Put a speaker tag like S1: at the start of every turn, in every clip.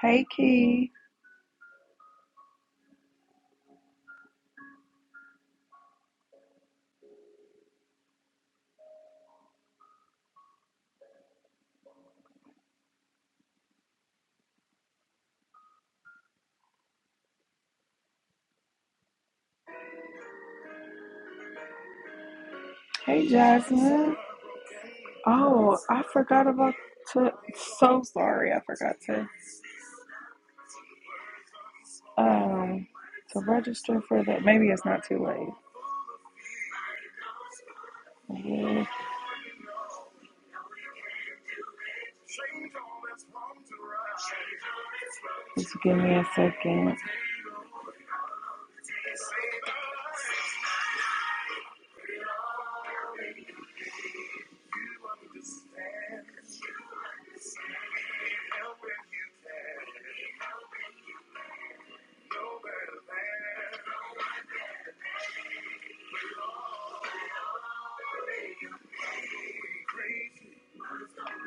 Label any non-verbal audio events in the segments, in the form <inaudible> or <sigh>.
S1: Hey Key. Hey Jasmine. Oh, I forgot about to so sorry, I forgot to um to register for that. Maybe it's not too late. Yeah, Just give me a second.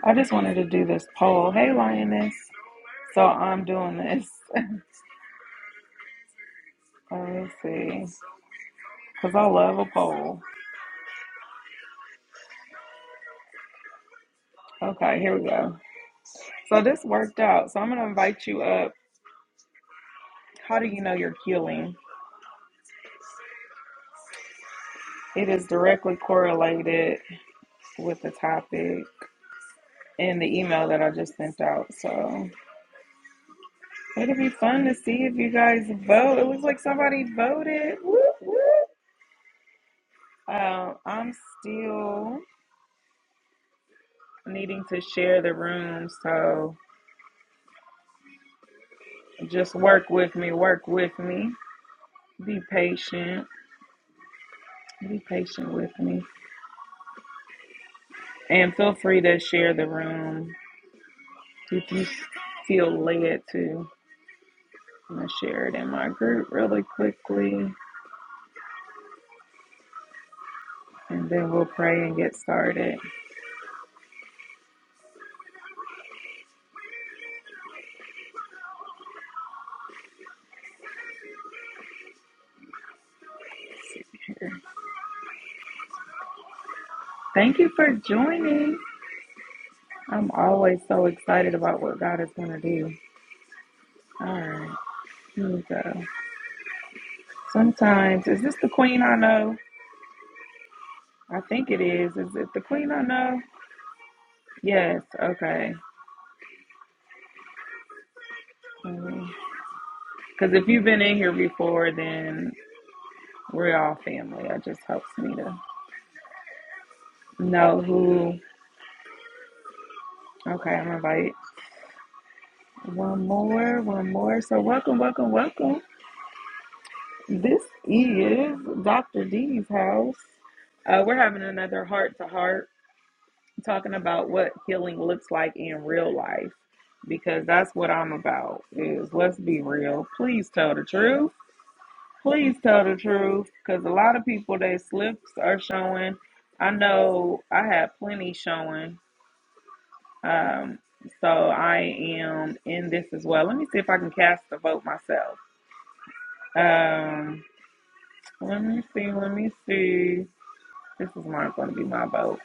S1: I just wanted to do this poll. Hey Lioness. So I'm doing this. <laughs> Let me see. Because I love a poll. Okay, here we go. So this worked out. So I'm gonna invite you up. How do you know you're healing? It is directly correlated with the topic. in the email that I just sent out. So it'll be fun to see if you guys vote. It was like somebody voted. Whoop, whoop. Um, I'm still needing to share the room, so just work with me. Work with me. Be patient. Be patient with me, and feel free to share the room if you feel led to. I'm gonna share it in my group really quickly, and then we'll pray and get started. Thank you for joining. I'm always so excited about what God is going to do. All right, here we go. Sometimes, is this the queen I know? I think it is. Is it the queen I know? Yes, okay. Because if you've been in here before, then we're all family. It just helps me to know who. Okay, I'm going to invite one more, one more. So, welcome, welcome, welcome. This is Dr. D's house. Uh, we're having another heart to heart talking about what healing looks like in real life because that's what I'm about is let's be real. Please tell the truth. Please tell the truth because a lot of people their slips are showing. I know I have plenty showing. Um, so I am in this as well. Let me see if I can cast a vote myself. Um, let me see. Let me see. This is not going to be my vote.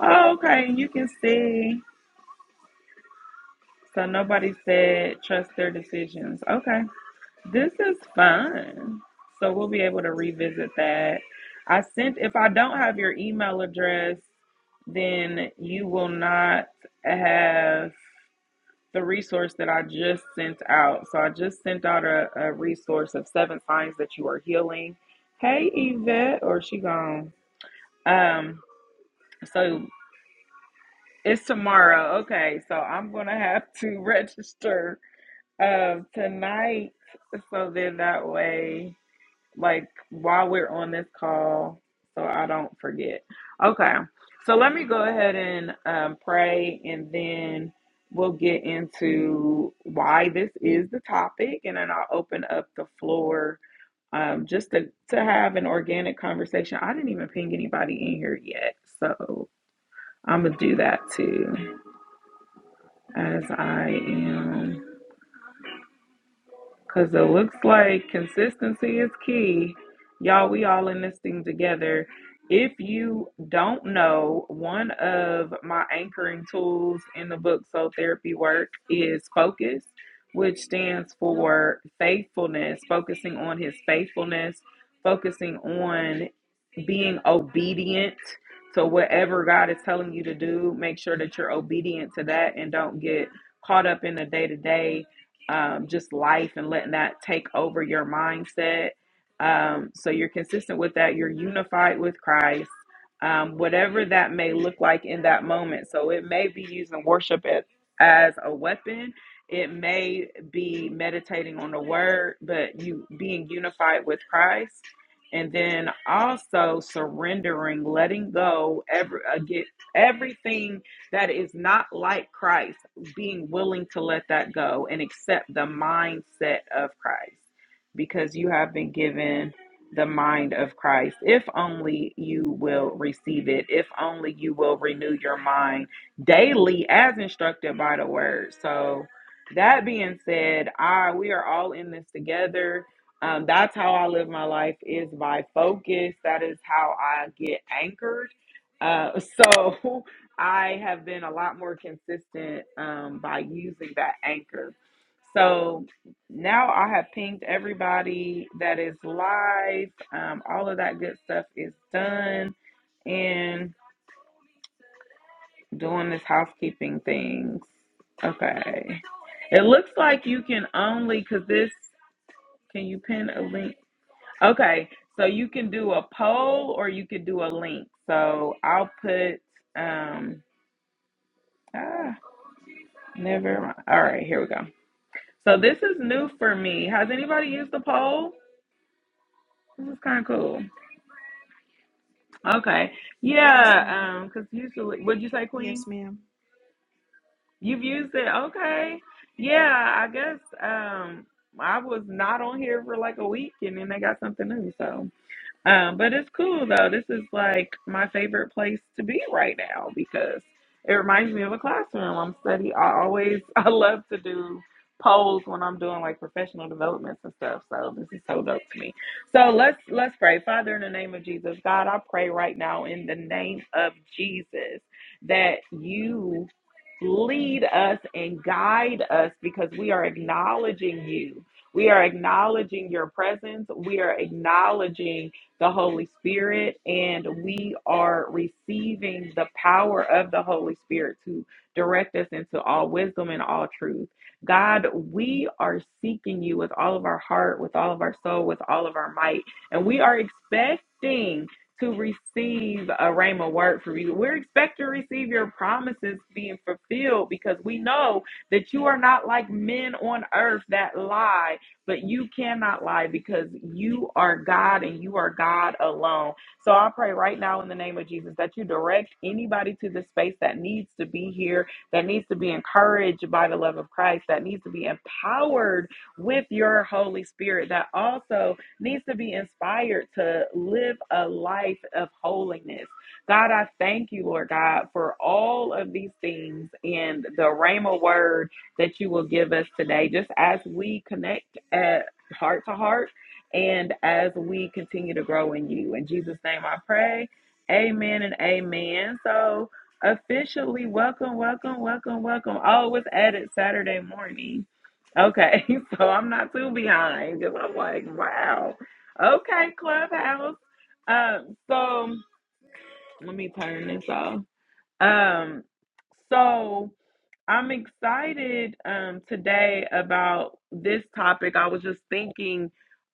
S1: Oh, okay, you can see. So nobody said trust their decisions. Okay. This is fun. So we'll be able to revisit that. I sent, if I don't have your email address, then you will not have the resource that I just sent out. So I just sent out a, a resource of seven signs that you are healing. Hey, Yvette, or she gone. Um, so it's tomorrow. Okay. So I'm going to have to <laughs> register Um, tonight, so then that way, like while we're on this call, so I don't forget. Okay, so let me go ahead and um, pray, and then we'll get into why this is the topic, and then I'll open up the floor um, just to to have an organic conversation. I didn't even ping anybody in here yet, so I'm gonna do that too as I am. Cause it looks like consistency is key. Y'all, we all in this thing together. If you don't know, one of my anchoring tools in the book Soul Therapy Work is focus, which stands for faithfulness, focusing on his faithfulness, focusing on being obedient to whatever God is telling you to do. Make sure that you're obedient to that and don't get caught up in the day to day, just life and letting that take over your mindset. Um, so you're consistent with that. You're unified with Christ, um, whatever that may look like in that moment. So it may be using worship as, as a weapon. It may be meditating on the word, but you being unified with Christ and then also surrendering, letting go every uh, get everything that is not like Christ, being willing to let that go and accept the mindset of Christ because you have been given the mind of Christ. If only you will receive it, if only you will renew your mind daily as instructed by the word. So that being said, I we are all in this together um, that's how I live my life is by focus. That is how I get anchored. Uh, so <laughs> I have been a lot more consistent um, by using that anchor. So now I have pinged everybody that is live. Um, all of that good stuff is done and doing this housekeeping things. Okay. It looks like you can only, because this, can you pin a link? Okay, so you can do a poll or you could do a link. So I'll put um ah, never mind. All right, here we go. So this is new for me. Has anybody used the poll? This is kind of cool. Okay.
S2: Yes,
S1: Yeah,
S2: ma'am;
S1: um cuz usually would you say queen?
S2: yes, ma'am.
S1: You've used it. Okay. Yeah, I guess um I was not on here for like a week and then they got something new. So Um, but it's cool though. This is like my favorite place to be right now because it reminds me of a classroom. I'm study. I always <laughs> I love to do polls when I'm doing like professional developments and stuff. So this is so dope to me. So let's let's pray. Father, in the name of Jesus, God, I pray right now in the name of Jesus that you lead us and guide us because we are acknowledging you. We are acknowledging your presence. We are acknowledging the Holy Spirit, and we are receiving the power of the Holy Spirit to direct us into all wisdom and all truth. God, we are seeking you with all of our heart, with all of our soul, with all of our might, and we are expecting to receive a rhema word from you. We're expecting to receive your promises being fulfilled because we know that you are not like men on earth that lie but you cannot lie because you are God and you are God alone. So I pray right now in the name of Jesus that you direct anybody to the space that needs to be here, that needs to be encouraged by the love of Christ, that needs to be empowered with your Holy Spirit, that also needs to be inspired to live a life of holiness. God, I thank you, Lord God, for all of these things and the Rhema word that you will give us today. Just as we connect at heart to heart and as we continue to grow in you. In Jesus' name I pray. Amen and amen. So officially welcome, welcome, welcome, welcome. Oh, it's added Saturday morning. Okay, <laughs> so I'm not too behind because I'm like, wow. Okay, Clubhouse. Um, so let me turn this off. Um, so I'm excited um, today about this topic. I was just thinking,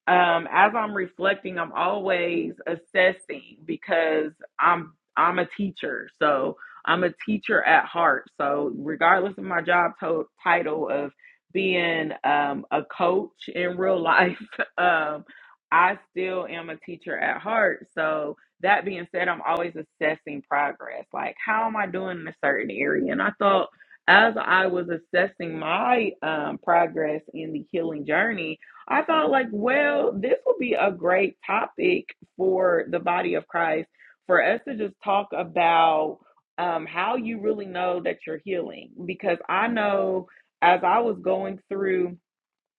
S1: um, as I'm reflecting, I'm always assessing because I'm I'm a teacher, so I'm a teacher at heart. So regardless of my job to- title of being um, a coach in real life, <laughs> um, I still am a teacher at heart. So that being said, I'm always assessing progress. Like, how am I doing in a certain area? And I thought as I was assessing my um, progress in the healing journey, I thought, like, well, this would be a great topic for the body of Christ for us to just talk about um, how you really know that you're healing. Because I know as I was going through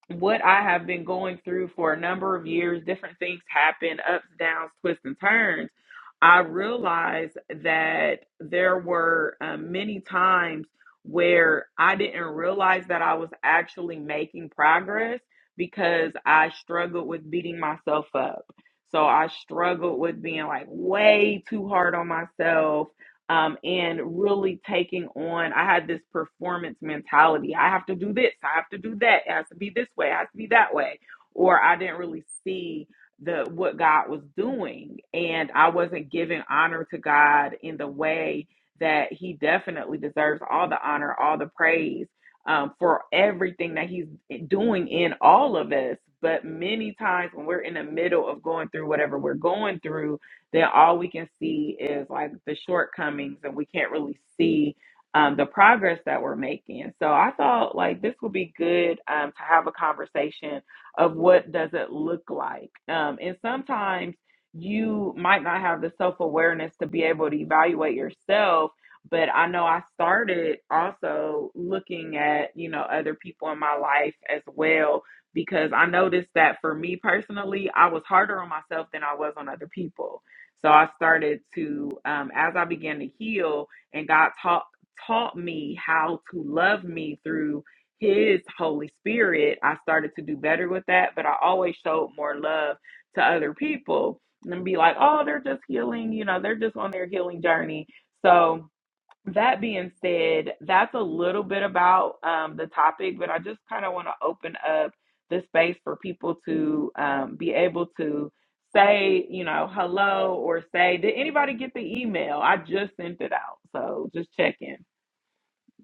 S1: what I have been going through for a number of years, different things happen, ups, downs, twists, and turns. I realized that there were uh, many times where I didn't realize that I was actually making progress because I struggled with beating myself up. So I struggled with being like way too hard on myself um, and really taking on. I had this performance mentality. I have to do this. I have to do that. It has to be this way. It has to be that way. Or I didn't really see the what God was doing, and I wasn't giving honor to God in the way that He definitely deserves all the honor, all the praise um, for everything that He's doing in all of us. But many times when we're in the middle of going through whatever we're going through, then all we can see is like the shortcomings and we can't really see um, the progress that we're making. So I thought like this would be good um, to have a conversation of what does it look like. Um, and sometimes you might not have the self awareness to be able to evaluate yourself. But I know I started also looking at, you know, other people in my life as well because I noticed that for me personally, I was harder on myself than I was on other people so I started to, um, as I began to heal, and God taught taught me how to love me through His Holy Spirit. I started to do better with that, but I always showed more love to other people and be like, "Oh, they're just healing, you know, they're just on their healing journey." So that being said, that's a little bit about um, the topic, but I just kind of want to open up the space for people to um, be able to say, you know, hello or say, did anybody get the email? I just sent it out. So just check in.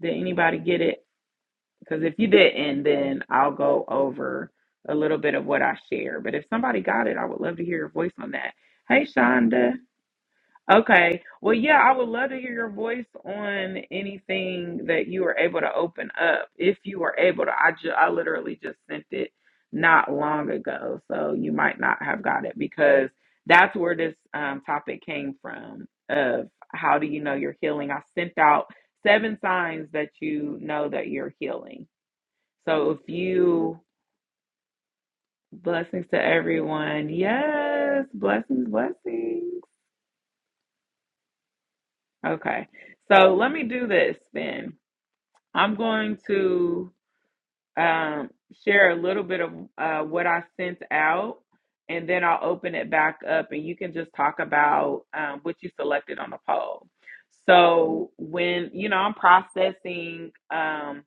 S1: Did anybody get it? Because if you didn't, then I'll go over a little bit of what I share. But if somebody got it, I would love to hear your voice on that. Hey, Shonda. Okay. Well, yeah, I would love to hear your voice on anything that you were able to open up. If you were able to, I ju- I literally just sent it not long ago, so you might not have got it because that's where this um, topic came from. Of how do you know you're healing? I sent out seven signs that you know that you're healing. So if you blessings to everyone, yes, blessings, blessings. Okay. So let me do this then. I'm going to um, share a little bit of uh, what I sent out, and then I'll open it back up, and you can just talk about um, what you selected on the poll. So when you know I'm processing. Um,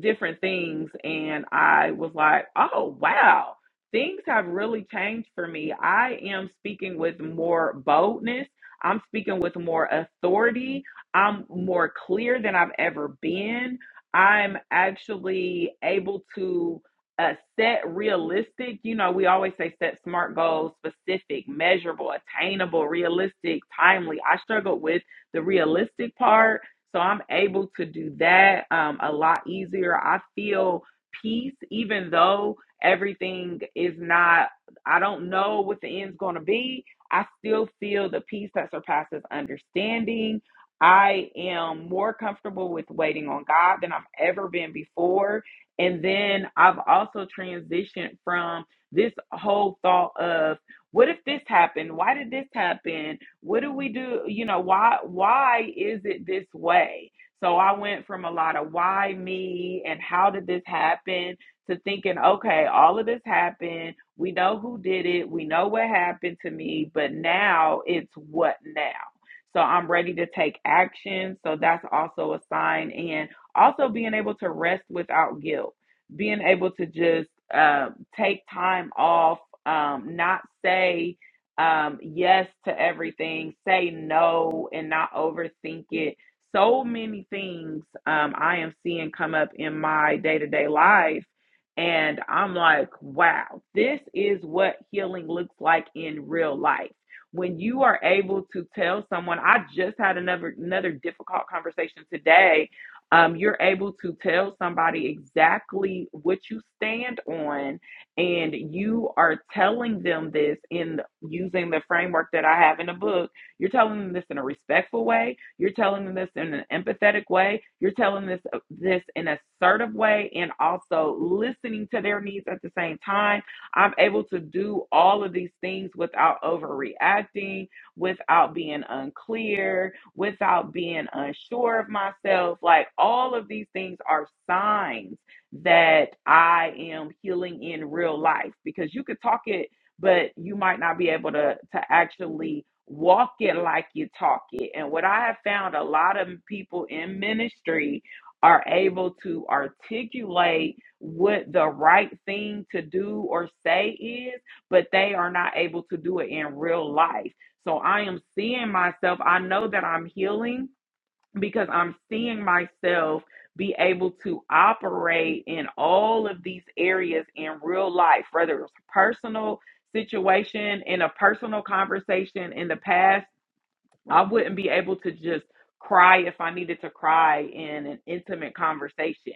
S1: different things and I was like, "Oh, wow. Things have really changed for me. I am speaking with more boldness. I'm speaking with more authority. I'm more clear than I've ever been. I'm actually able to uh, set realistic, you know, we always say set smart goals, specific, measurable, attainable, realistic, timely. I struggled with the realistic part so I'm able to do that um, a lot easier. I feel peace, even though everything is not, I don't know what the end's going to be. I still feel the peace that surpasses understanding. I am more comfortable with waiting on God than I've ever been before. And then I've also transitioned from this whole thought of what if this happened? Why did this happen? What do we do? You know, why why is it this way? So I went from a lot of why me and how did this happen to thinking, okay, all of this happened. We know who did it. We know what happened to me, but now it's what now? So I'm ready to take action. So that's also a sign. And also being able to rest without guilt, being able to just uh, take time off, um, not say, um, yes to everything, say no and not overthink it. So many things um, I am seeing come up in my day to day life. And I'm like, wow, this is what healing looks like in real life. When you are able to tell someone, I just had another another difficult conversation today. Um, you're able to tell somebody exactly what you stand on and you are telling them this in using the framework that I have in the book. You're telling them this in a respectful way. You're telling them this in an empathetic way. You're telling this uh, this in an assertive way, and also listening to their needs at the same time. I'm able to do all of these things without overreacting, without being unclear, without being unsure of myself. Like all of these things are signs that I am healing in real life because you could talk it, but you might not be able to, to actually walk it like you talk it. And what I have found a lot of people in ministry are able to articulate what the right thing to do or say is, but they are not able to do it in real life. So I am seeing myself. I know that I'm healing because I'm seeing myself be able to operate in all of these areas in real life, whether it's a personal situation, in a personal conversation in the past I wouldn't be able to just cry if I needed to cry in an intimate conversation.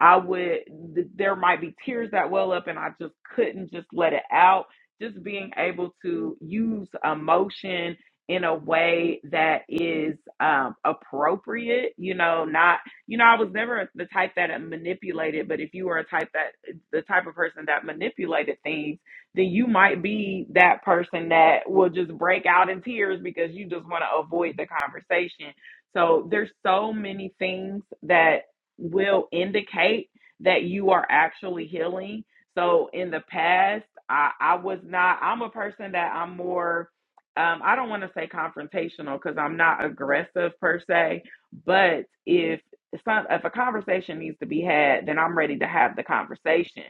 S1: I would, th- there might be tears that well up and I just couldn't just let it out. Just being able to use emotion in a way that is um, appropriate, you know, not, you know, I was never the type that manipulated, but if you were a type that, the type of person that manipulated things, then you might be that person that will just break out in tears because you just want to avoid the conversation. So there's so many things that will indicate that you are actually healing. So in the past, I, I was not, I'm a person that I'm more, um, I don't want to say confrontational because I'm not aggressive per se, but if some, if a conversation needs to be had, then I'm ready to have the conversation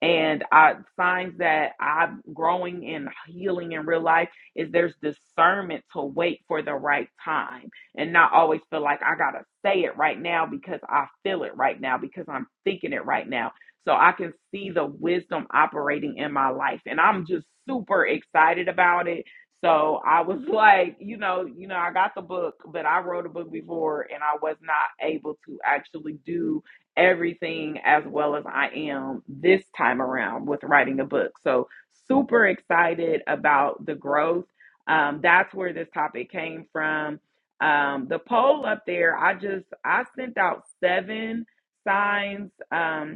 S1: and I signs that I'm growing and healing in real life is there's discernment to wait for the right time and not always feel like I gotta say it right now because I feel it right now because I'm thinking it right now. So I can see the wisdom operating in my life, and I'm just super excited about it. So I was <laughs> like, you know, you know, I got the book, but I wrote a book before, and I was not able to actually do everything as well as I am this time around with writing a book. So, super excited about the growth. Um, that's where this topic came from. Um, the poll up there, I just I sent out seven signs. Um,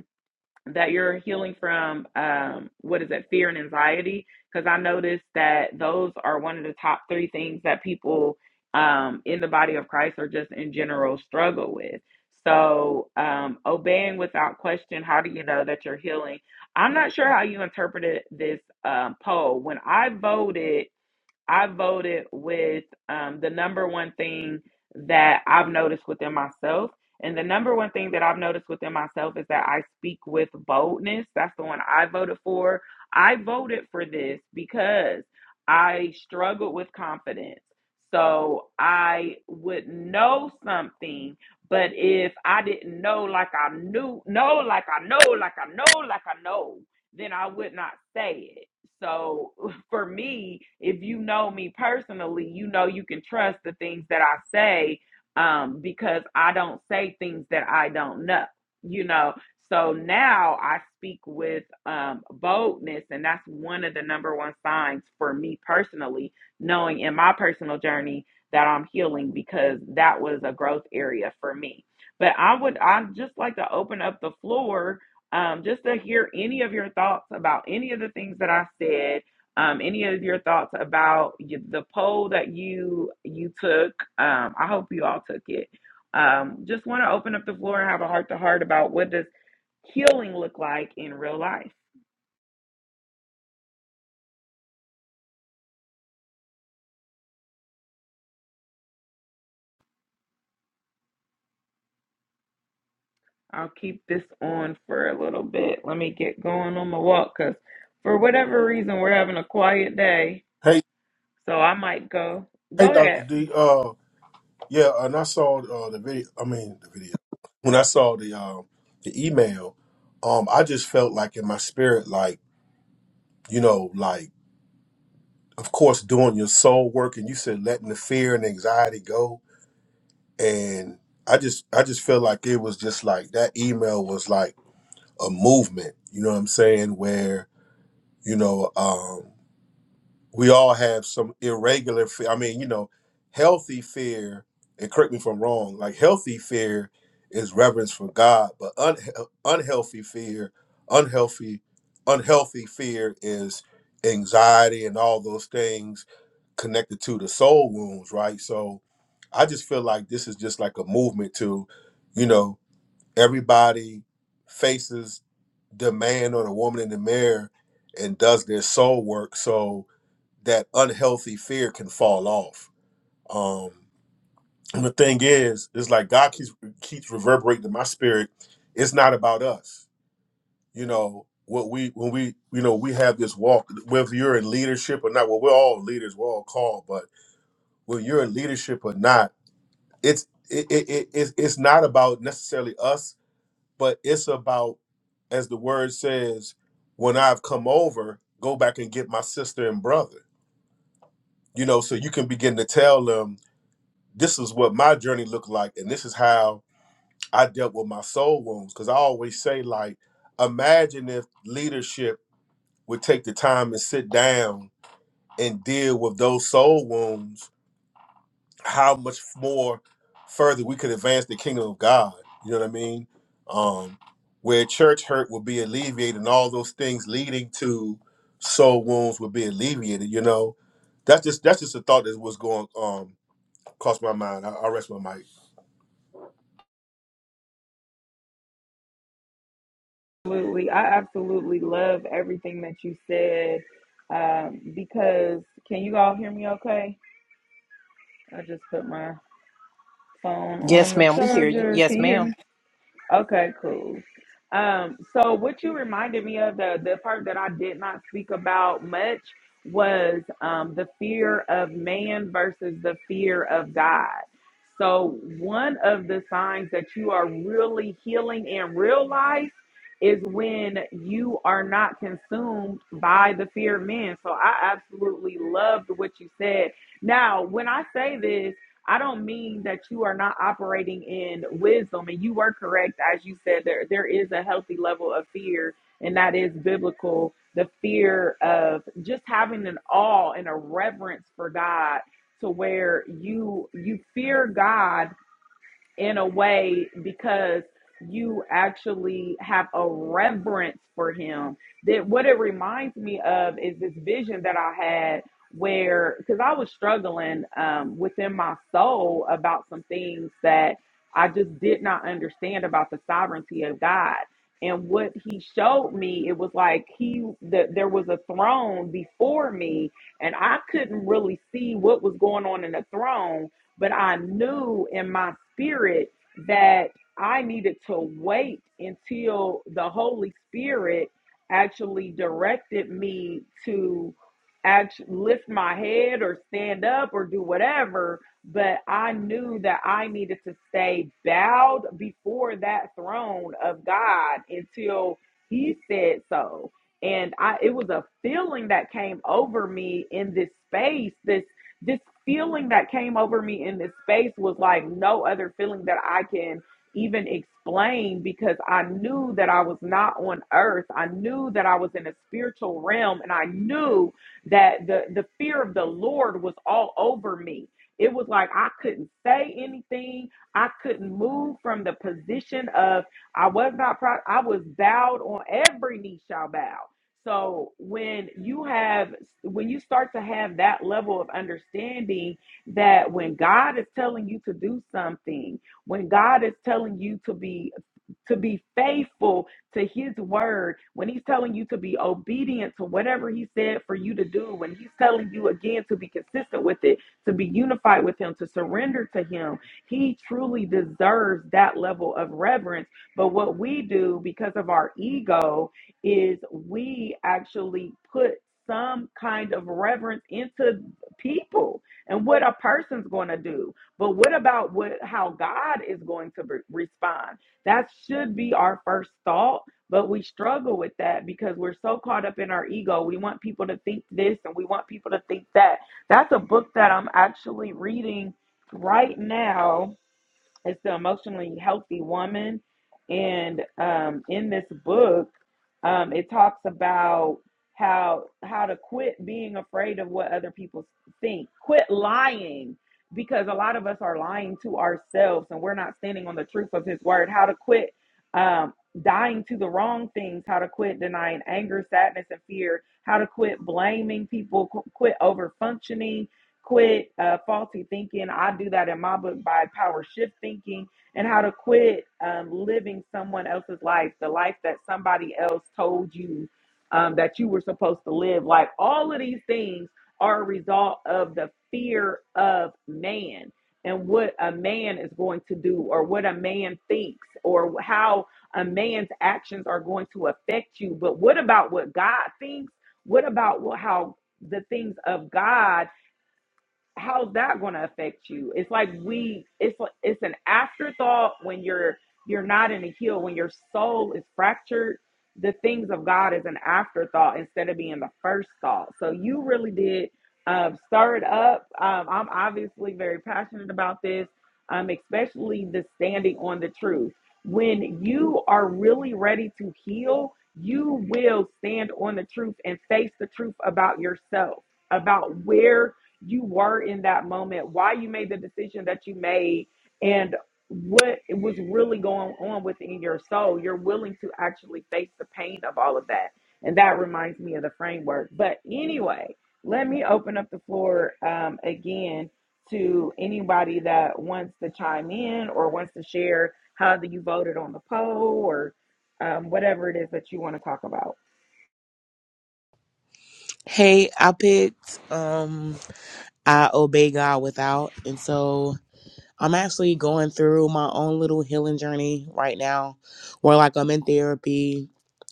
S1: that you're healing from um, what is it fear and anxiety because i noticed that those are one of the top three things that people um, in the body of christ or just in general struggle with so um, obeying without question how do you know that you're healing i'm not sure how you interpreted this um, poll when i voted I voted with um, the number one thing that I've noticed within myself. And the number one thing that I've noticed within myself is that I speak with boldness. That's the one I voted for. I voted for this because I struggled with confidence. So I would know something, but if I didn't know like I knew, know like I know, like I know, like I know, then I would not say it. So for me, if you know me personally, you know you can trust the things that I say um, because I don't say things that I don't know, you know. So now I speak with um, boldness, and that's one of the number one signs for me personally, knowing in my personal journey that I'm healing because that was a growth area for me. But I would, I'd just like to open up the floor um, just to hear any of your thoughts about any of the things that I said um, any of your thoughts about the poll that you you took. Um, I hope you all took it. Um, just want to open up the floor and have a heart to heart about what does healing look like in real life. I'll keep this on for a little bit. Let me get going on my walk because for whatever reason we're having a quiet day.
S3: Hey,
S1: So I might go.
S3: hey,
S1: Go
S3: Doctor
S1: ahead.
S3: D. Uh, yeah, and I saw uh, the video. I mean, the video. When I saw the um the email, um, I just felt like in my spirit, like you know, like of course doing your soul work, and you said letting the fear and anxiety go, and I just I just feel like it was just like that email was like a movement. You know what I'm saying? Where you know, um. we all have some irregular fear. I mean, you know, healthy fear, and correct me if I'm wrong, like healthy fear is reverence for God, but unhe- unhealthy fear, unhealthy, unhealthy fear is anxiety and all those things connected to the soul wounds, right? So I just feel like this is just like a movement to, you know, everybody faces the man or the woman in the mirror and does their soul work. So that unhealthy fear can fall off. Um, and the thing is, it's like God keeps keeps reverberating in my spirit. It's not about us, you know. What we when we you know we have this walk whether you're in leadership or not. Well, we're all leaders, we're all called, but whether you're in leadership or not, it's it, it, it it's it's not about necessarily us, but it's about as the word says, when I've come over, go back and get my sister and brother. You know, so you can begin to tell them this is what my journey looked like and this is how i dealt with my soul wounds because i always say like imagine if leadership would take the time and sit down and deal with those soul wounds how much more further we could advance the kingdom of god you know what i mean um where church hurt would be alleviated and all those things leading to soul wounds would be alleviated you know that's just that's just a thought that was going um across my mind i, I rest my mic
S1: Absolutely. I absolutely love everything that you said. Um, because can you all hear me okay? I just put my phone on
S4: Yes,
S1: the
S4: ma'am. We hear you.
S1: charger. Can
S4: Yes,
S1: you hear
S4: ma'am.
S1: me? Okay, cool. Um, so what you reminded me of the the part that I did not speak about much was um, the fear of man versus the fear of God. So one of the signs that you are really healing in real life is when you are not consumed by the fear of men. So I absolutely loved what you said. Now, when I say this. I don't mean that you are not operating in wisdom, and you were correct as you said. There, there is a healthy level of fear, and that is biblical. The fear of just having an awe and a reverence for God, to where you you fear God in a way because you actually have a reverence for him. That what it reminds me of is this vision that I had where because I was struggling um, within my soul about some things that I just did not understand about the sovereignty of God. And what he showed me, it was like he that there was a throne before me, and I couldn't really see what was going on in the throne but I knew in my spirit that I needed to wait until the Holy Spirit actually directed me to actually lift my head or stand up or do whatever. But I knew that I needed to stay bowed before that throne of God until He said so. And I, it was a feeling that came over me in this space, this this feeling that came over me in this space was like no other feeling that I can even explain because I knew that I was not on earth. I knew that I was in a spiritual realm and I knew that the the fear of the Lord was all over me. It was like I couldn't say anything. I couldn't move from the position of I was not proud. I was bowed on every knee shall bow. So when you have when you start to have that level of understanding that when God is telling you to do something, when God is telling you to be to be faithful to his word, when he's telling you to be obedient to whatever he said for you to do, when he's telling you again to be consistent with it, to be unified with him, to surrender to him, he truly deserves that level of reverence. But what we do because of our ego, is we actually put some kind of reverence into people and what a person's going to do but what about what how god is going to re- respond that should be our first thought but we struggle with that because we're so caught up in our ego we want people to think this and we want people to think that that's a book that i'm actually reading right now it's the emotionally healthy woman. And um, in this book, um, it talks about how how to quit being afraid of what other people think. Quit lying because a lot of us are lying to ourselves and we're not standing on the truth of his word. How to quit um, dying to the wrong things, how to quit denying anger, sadness, and fear, how to quit blaming people, qu- quit over functioning quit uh, faulty thinking. I do that in my book by power shift thinking and how to quit um, living someone else's life, the life that somebody else told you um, that you were supposed to live. Like all of these things are a result of the fear of man and what a man is going to do or what a man thinks or how a man's actions are going to affect you. But what about what God thinks? What about what, how the things of God? how's that going to affect you it's like we it's like- it's an afterthought when you're you're not in a heel when your soul is fractured the things of god is an afterthought instead of being the first thought so you really did um, stir it up um, i'm obviously very passionate about this um, especially the standing on the truth when you are really ready to heal you will stand on the truth and face the truth about yourself about where you were in that moment, why you made the decision that you made, and what was really going on within your soul. You're willing to actually face the pain of all of that. And that reminds me of the framework. But anyway, let me open up the floor um, again to anybody that wants to chime in or wants to share how that you voted on the poll or um, whatever it is that you want to talk about.
S5: Hey, I picked um I obey God without and so I'm actually going through my own little healing journey right now where like I'm in therapy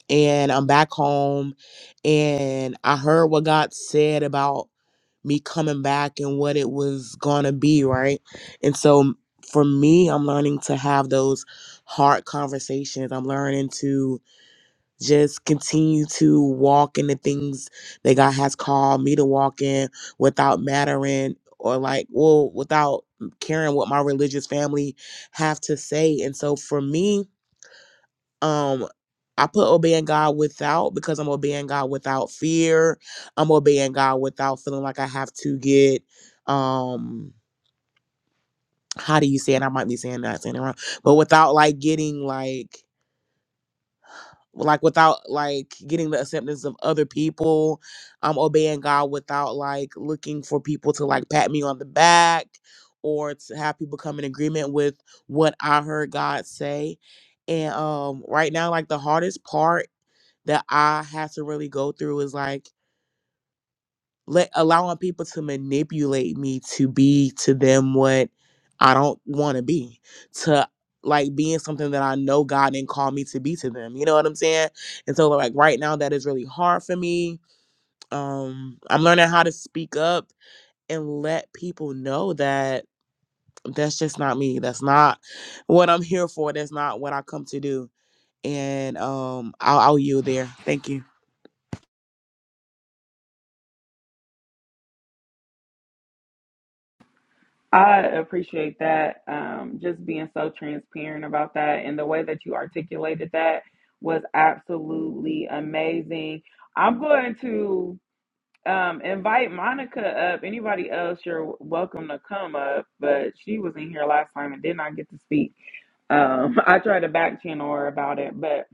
S5: and I'm back home and I heard what God said about me coming back and what it was going to be, right? And so for me, I'm learning to have those hard conversations. I'm learning to just continue to walk in the things that God has called me to walk in without mattering or like well without caring what my religious family have to say and so for me um I put obeying God without because I'm obeying God without fear. I'm obeying God without feeling like I have to get um how do you say it? I might be saying that saying it wrong, but without like getting like like without like getting the acceptance of other people i'm obeying god without like looking for people to like pat me on the back or to have people come in agreement with what i heard god say and um right now like the hardest part that i had to really go through is like let allowing people to manipulate me to be to them what I don't want to be, to like being something that I know God didn't call me to be to them. You know what I'm saying? And so like right now that is really hard for me. Um I'm learning how to speak up and let people know that that's just not me. That's not what I'm here for. That's not what I come to do. And um I'll, I'll yield there. Thank you.
S1: I appreciate that. Um, just being so transparent about that and the way that you articulated that was absolutely amazing. I'm going to um, invite Monica up. Anybody else, you're welcome to come up, but she was in here last time and did not get to speak. Um, <laughs> I tried to back channel her about it, but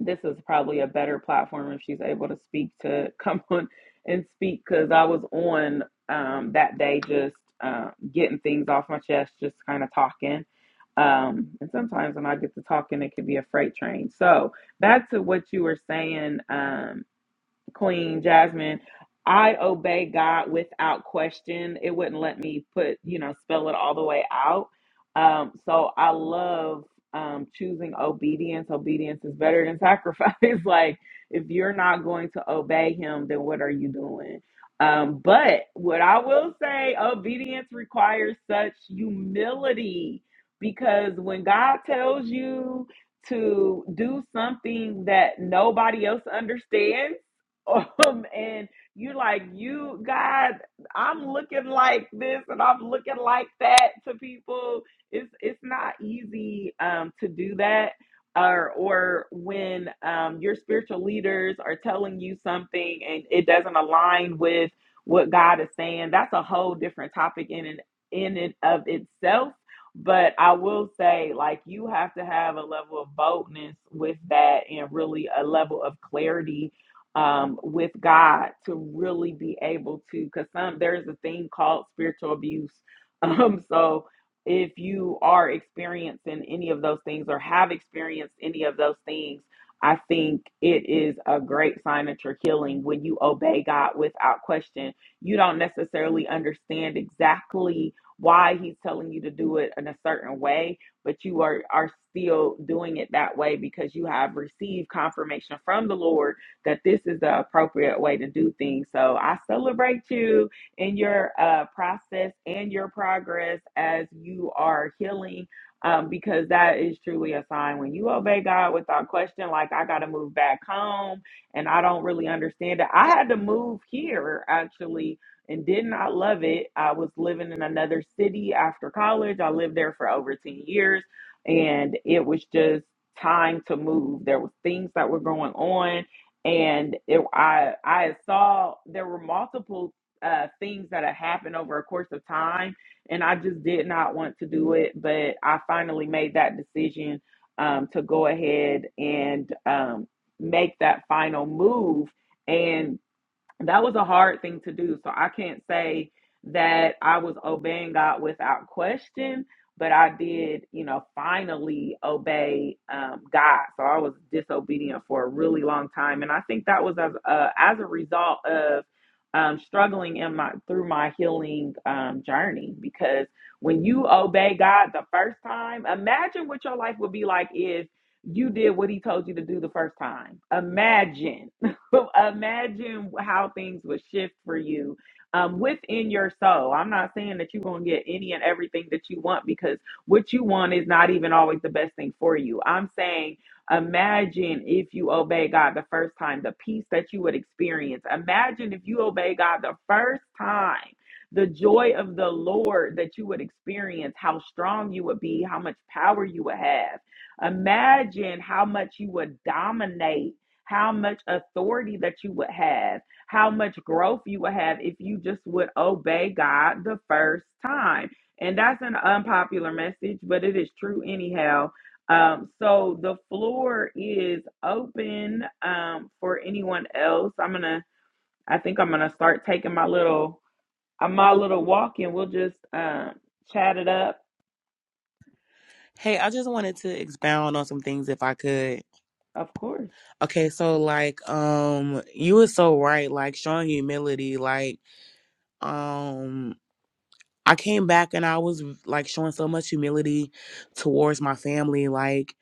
S1: this is probably a better platform if she's able to speak to <laughs> come on and speak because I was on um, that day just um, getting things off my chest, just kind of talking. Um, and sometimes when I get to talking, it could be a freight train. So back to what you were saying, um, Queen Jasmine, I obey God without question. It wouldn't let me put, you know, spell it all the way out. Um, so I love um, choosing obedience. Obedience is better than sacrifice. <laughs> like, if you're not going to obey Him, then what are you doing? Um, but what I will say, obedience requires such humility because when God tells you to do something that nobody else understands, <laughs> um, and you're like, you God, I'm looking like this and I'm looking like that to people. It's it's not easy um, to do that, or or when um, your spiritual leaders are telling you something and it doesn't align with what God is saying. That's a whole different topic in and in and of itself. But I will say, like, you have to have a level of boldness with that and really a level of clarity um, with God to really be able to, because some there's a thing called spiritual abuse. <laughs> Um, so if you are experiencing any of those things or have experienced any of those things, I think it is a great sign that you're healing when you obey God without question. You don't necessarily understand exactly why He's telling you to do it in a certain way, but you are are still doing it that way because you have received confirmation from the Lord that this is the appropriate way to do things. So I celebrate you in your uh, process and your progress as you are healing. Um, because that is truly a sign when you obey God without question. Like, I got to move back home and I don't really understand it. I had to move here actually and did not love it. I was living in another city after college. I lived there for over 10 years and it was just time to move. There were things that were going on and it, I I saw there were multiple uh, things that had happened over a course of time, and I just did not want to do it, but I finally made that decision um, to go ahead and um, make that final move. And that was a hard thing to do. So I can't say that I was obeying God without question, but I did, you know, finally obey um, God. So I was disobedient for a really long time, and I think that was as uh, as a result of um, struggling in my through my healing um, journey. Because when you obey God the first time, imagine what your life would be like if you did what He told you to do the first time. Imagine <laughs> imagine how things would shift for you um, within your soul. I'm not saying that you're going to get any and everything that you want because what you want is not even always the best thing for you. I'm saying, imagine if you obey God the first time, the peace that you would experience. Imagine if you obey God the first time. The joy of the Lord that you would experience, how strong you would be, how much power you would have. Imagine how much you would dominate how much authority that you would have, how much growth you would have if you just would obey God the first time. And that's an unpopular message, but it is true anyhow. Um, so the floor is open um, for anyone else. I'm gonna, I think I'm gonna start taking my little, uh, my little walk, and we'll just um, chat it up.
S5: Hey, I just wanted to expound on some things if I could.
S1: Of course,
S5: Okay, so like um you were so right, like showing humility, like um I came back and I was like showing so much humility towards my family, like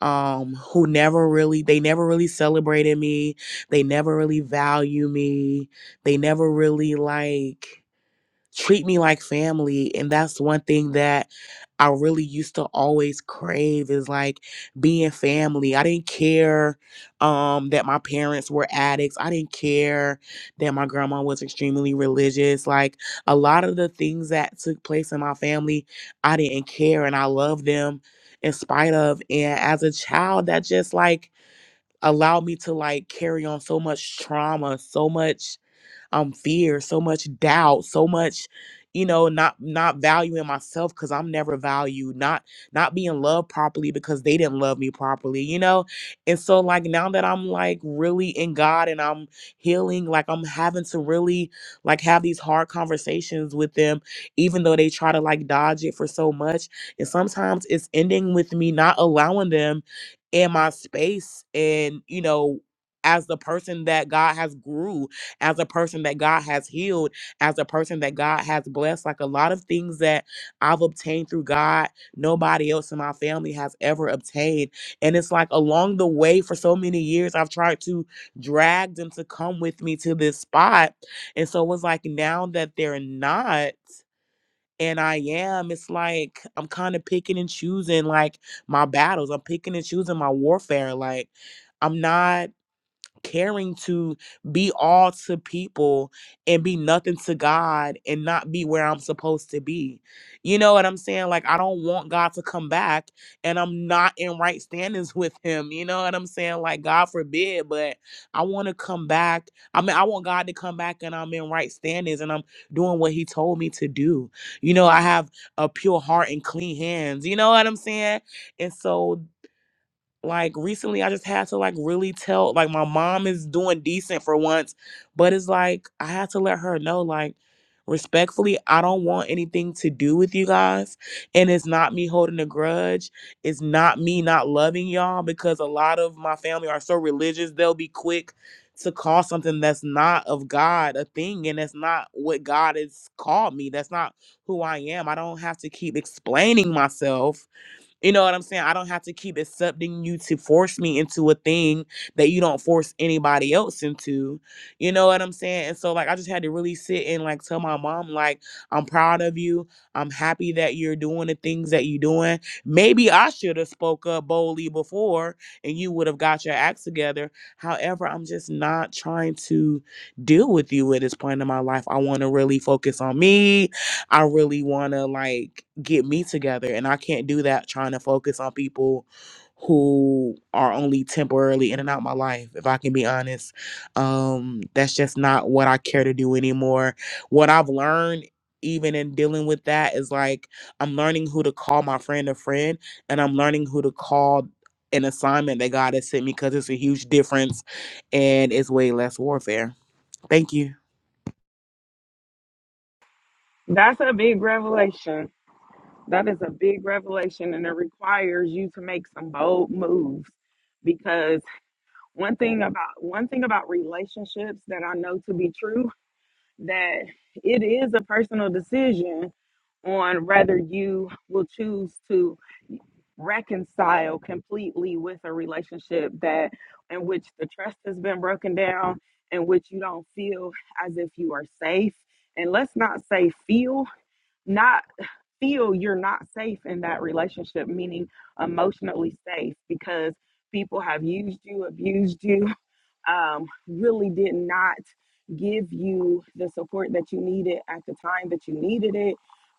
S5: um who never really they never really celebrated me. They never really value me. They never really like treat me like family and that's one thing that i really used to always crave is like being family i didn't care um that my parents were addicts i didn't care that my grandma was extremely religious like a lot of the things that took place in my family i didn't care and i loved them in spite of and as a child that just like allowed me to like carry on so much trauma so much um fear, so much doubt, so much you know not not valuing myself cuz I'm never valued, not not being loved properly because they didn't love me properly, you know? And so like now that I'm like really in God and I'm healing, like I'm having to really like have these hard conversations with them even though they try to like dodge it for so much. And sometimes it's ending with me not allowing them in my space and, you know, as the person that God has grew as a person that God has healed, as a person that God has blessed. Like a lot of things that I've obtained through God, nobody else in my family has ever obtained. And it's like along the way for so many years, I've tried to drag them to come with me to this spot. And so it was like now that they're not, and I am, it's like I'm kind of picking and choosing like my battles. I'm picking and choosing my warfare. Like, I'm not caring to be all to people and be nothing to God and not be where I'm supposed to be. You know what I'm saying? Like I don't want God to come back and I'm not in right standings <laughs> with him. You know what I'm saying? Like God forbid, but I want to come back. I mean, I want God to come back and I'm in right standings and I'm doing what he told me to do. You know, I have a pure heart and clean hands. You know what I'm saying? And so like recently I just had to like really tell like my mom is doing decent for once, but it's like I had to let her know like respectfully I don't want anything to do with you guys and it's not me holding a grudge. It's not me not loving y'all because a lot of my family are so religious they'll be quick to call something that's not of God a thing and that's not what God has called me. That's not who I am. I don't have to keep explaining myself you know what I'm saying? I don't have to keep accepting you to force me into a thing that you don't force anybody else into. You know what I'm saying? And so like I just had to really sit and like tell my mom like I'm proud of you. I'm happy that you're doing the things that you're doing. Maybe I should have spoke up boldly before and you would have got your acts together. However, I'm just not trying to deal with you at this point in my life. I want to really focus on me. I really want to like get me together and I can't do that trying to focus on people who are only temporarily in and out my life if I can be honest. Um that's just not what I care to do anymore. What I've learned even in dealing with that is like I'm learning who to call my friend a friend and I'm learning who to call an assignment that God has sent me because it's a huge difference and it's way less warfare. Thank you.
S1: That's a big revelation. That is a big revelation and it requires you to make some bold moves because one thing about one thing about relationships that I know to be true that it is a personal decision on whether you will choose to reconcile completely with a relationship that in which the trust has been broken down in which you don't feel as if you are safe and let's not say feel not feel you're not safe in that relationship, meaning emotionally safe, because people have used you, abused you, um, really did not give you the support that you needed at the time that you needed it.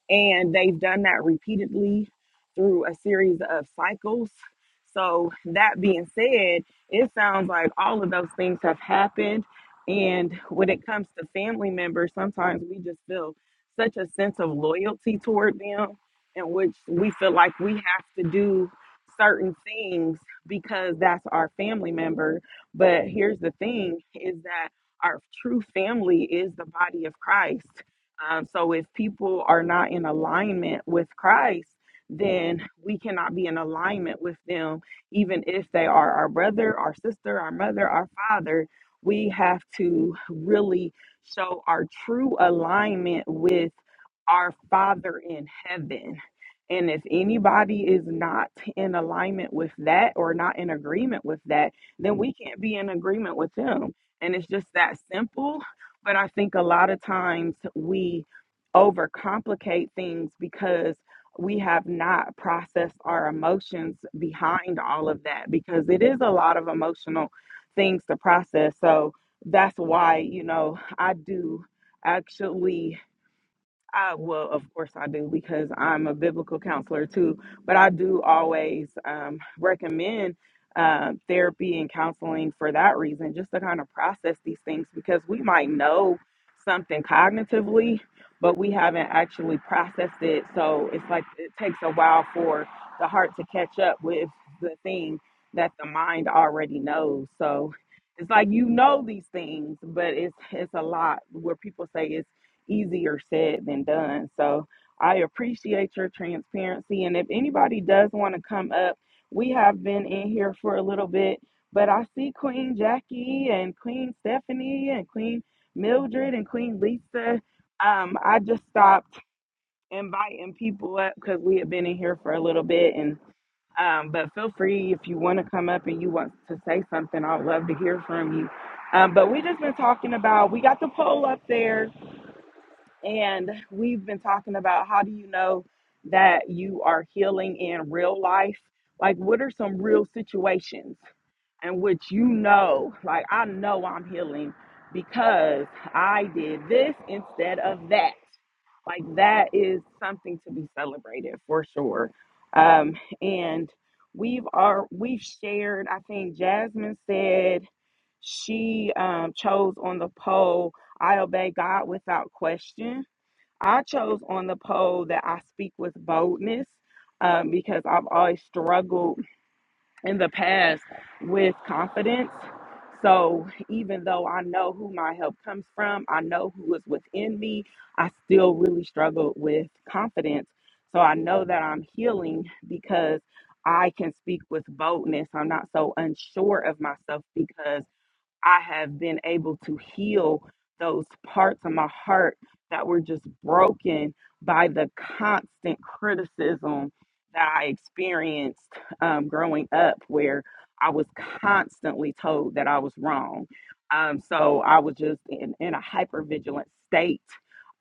S1: And they've done that repeatedly through a series of cycles. So, that being said, it sounds like all of those things have happened. And when it comes to family members, sometimes we just feel such a sense of loyalty toward them, in which we feel like we have to do certain things because that's our family member but here's the thing is that our true family is the body of Christ. Um, so if people are not in alignment with Christ, then we cannot be in alignment with them, even if they are our brother, our sister, our mother, our father. We have to really show our true alignment with our Father in heaven. And if anybody is not in alignment with that or not in agreement with that, then we can't be in agreement with them. And it's just that simple. But I think a lot of times we overcomplicate things because we have not processed our emotions behind all of that because it is a lot of emotional things to process. So that's why, you know, I do actually I, well, of course I do because I'm a biblical counselor too, but I do always um, recommend um therapy and counseling for that reason, just to kind of process these things because we might know something cognitively, but we haven't actually processed it. So it's like it takes a while for the heart to catch up with the thing that the mind already knows. So it's like you know these things, but it's it's a lot where people say it's easier said than done. So I appreciate your transparency. And if anybody does want to come up, we have been in here for a little bit, but I see Queen Jackie and Queen Stephanie and Queen Mildred and Queen Lisa. Um, I just stopped inviting people up because we have been in here for a little bit. And um, but feel free if you want to come up and you want to say something. I'd love to hear from you. Um, but we just been talking about we got the poll up there and we've been talking about how do you know that you are healing in real life? Like, what are some real situations in which you know, like, I know I'm healing because I did this instead of that? Like, that is something to be celebrated for sure. Um, and we've are we've shared, I think Jasmine said she um, chose on the poll I obey God without question. I chose on the poll that I speak with boldness um, because I've always struggled in the past with confidence. So even though I know who my help comes from, I know who is within me, I still really struggle with confidence. So I know that I'm healing because I can speak with boldness. I'm not so unsure of myself because. I have been able to heal those parts of my heart that were just broken by the constant criticism that I experienced um, growing up, where I was constantly told that I was wrong. Um, so I was just in, in a hypervigilant state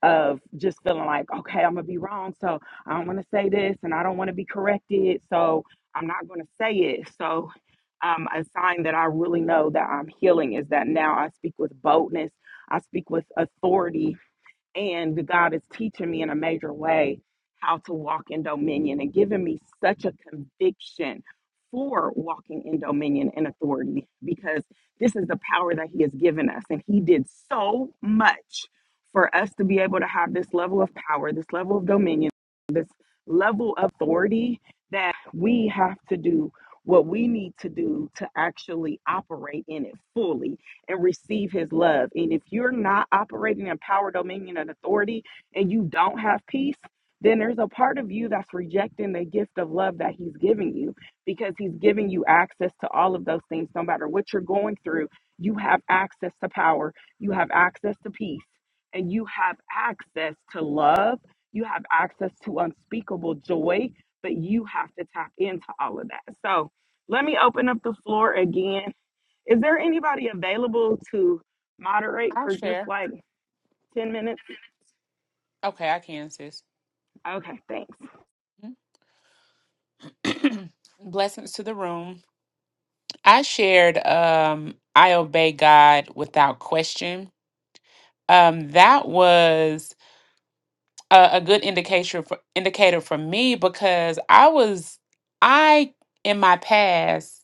S1: of just feeling like, okay, I'm gonna be wrong. So I don't wanna say this and I don't wanna be corrected. So I'm not gonna say it. So um, a sign that I really know that I'm healing is that now I speak with boldness. I speak with authority and God is teaching me in a major way how to walk in dominion and giving me such a conviction for walking in dominion and authority because this is the power that He has given us. And He did so much for us to be able to have this level of power, this level of dominion, this level of authority that we have to do what we need to do to actually operate in it fully and receive his love. And if you're not operating in power, dominion, and authority, and you don't have peace, then there's a part of you that's rejecting the gift of love that he's giving you because he's giving you access to all of those things. No matter what you're going through, you have access to power, you have access to peace, and you have access to love. You have access to unspeakable joy, but you have to tap into all of that. So let me open up the floor again is there anybody available to moderate
S6: I'll
S1: for just
S6: share.
S1: like 10 minutes?
S6: Okay, I can, sis.
S1: Okay, thanks.
S6: <clears throat> Blessings to the room. I shared um I obey God without question. Um that was a, a good indication for indicator for me because I was I in my past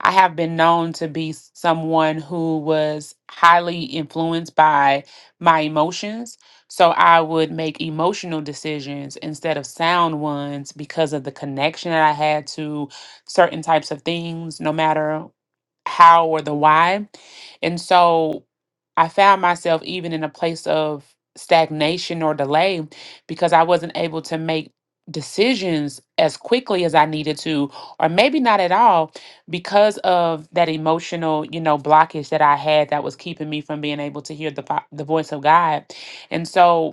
S6: I have been known to be s- someone who was highly influenced by my emotions. So I would make emotional decisions instead of sound ones because of the connection that I had to certain types of things, no matter how or the why. And so I found myself even in a place of stagnation or delay because I wasn't able to make decisions as quickly as I needed to, or maybe not at all, because of that emotional, you know, blockage that I had that was keeping me from being able to hear the vo- the voice of God. And so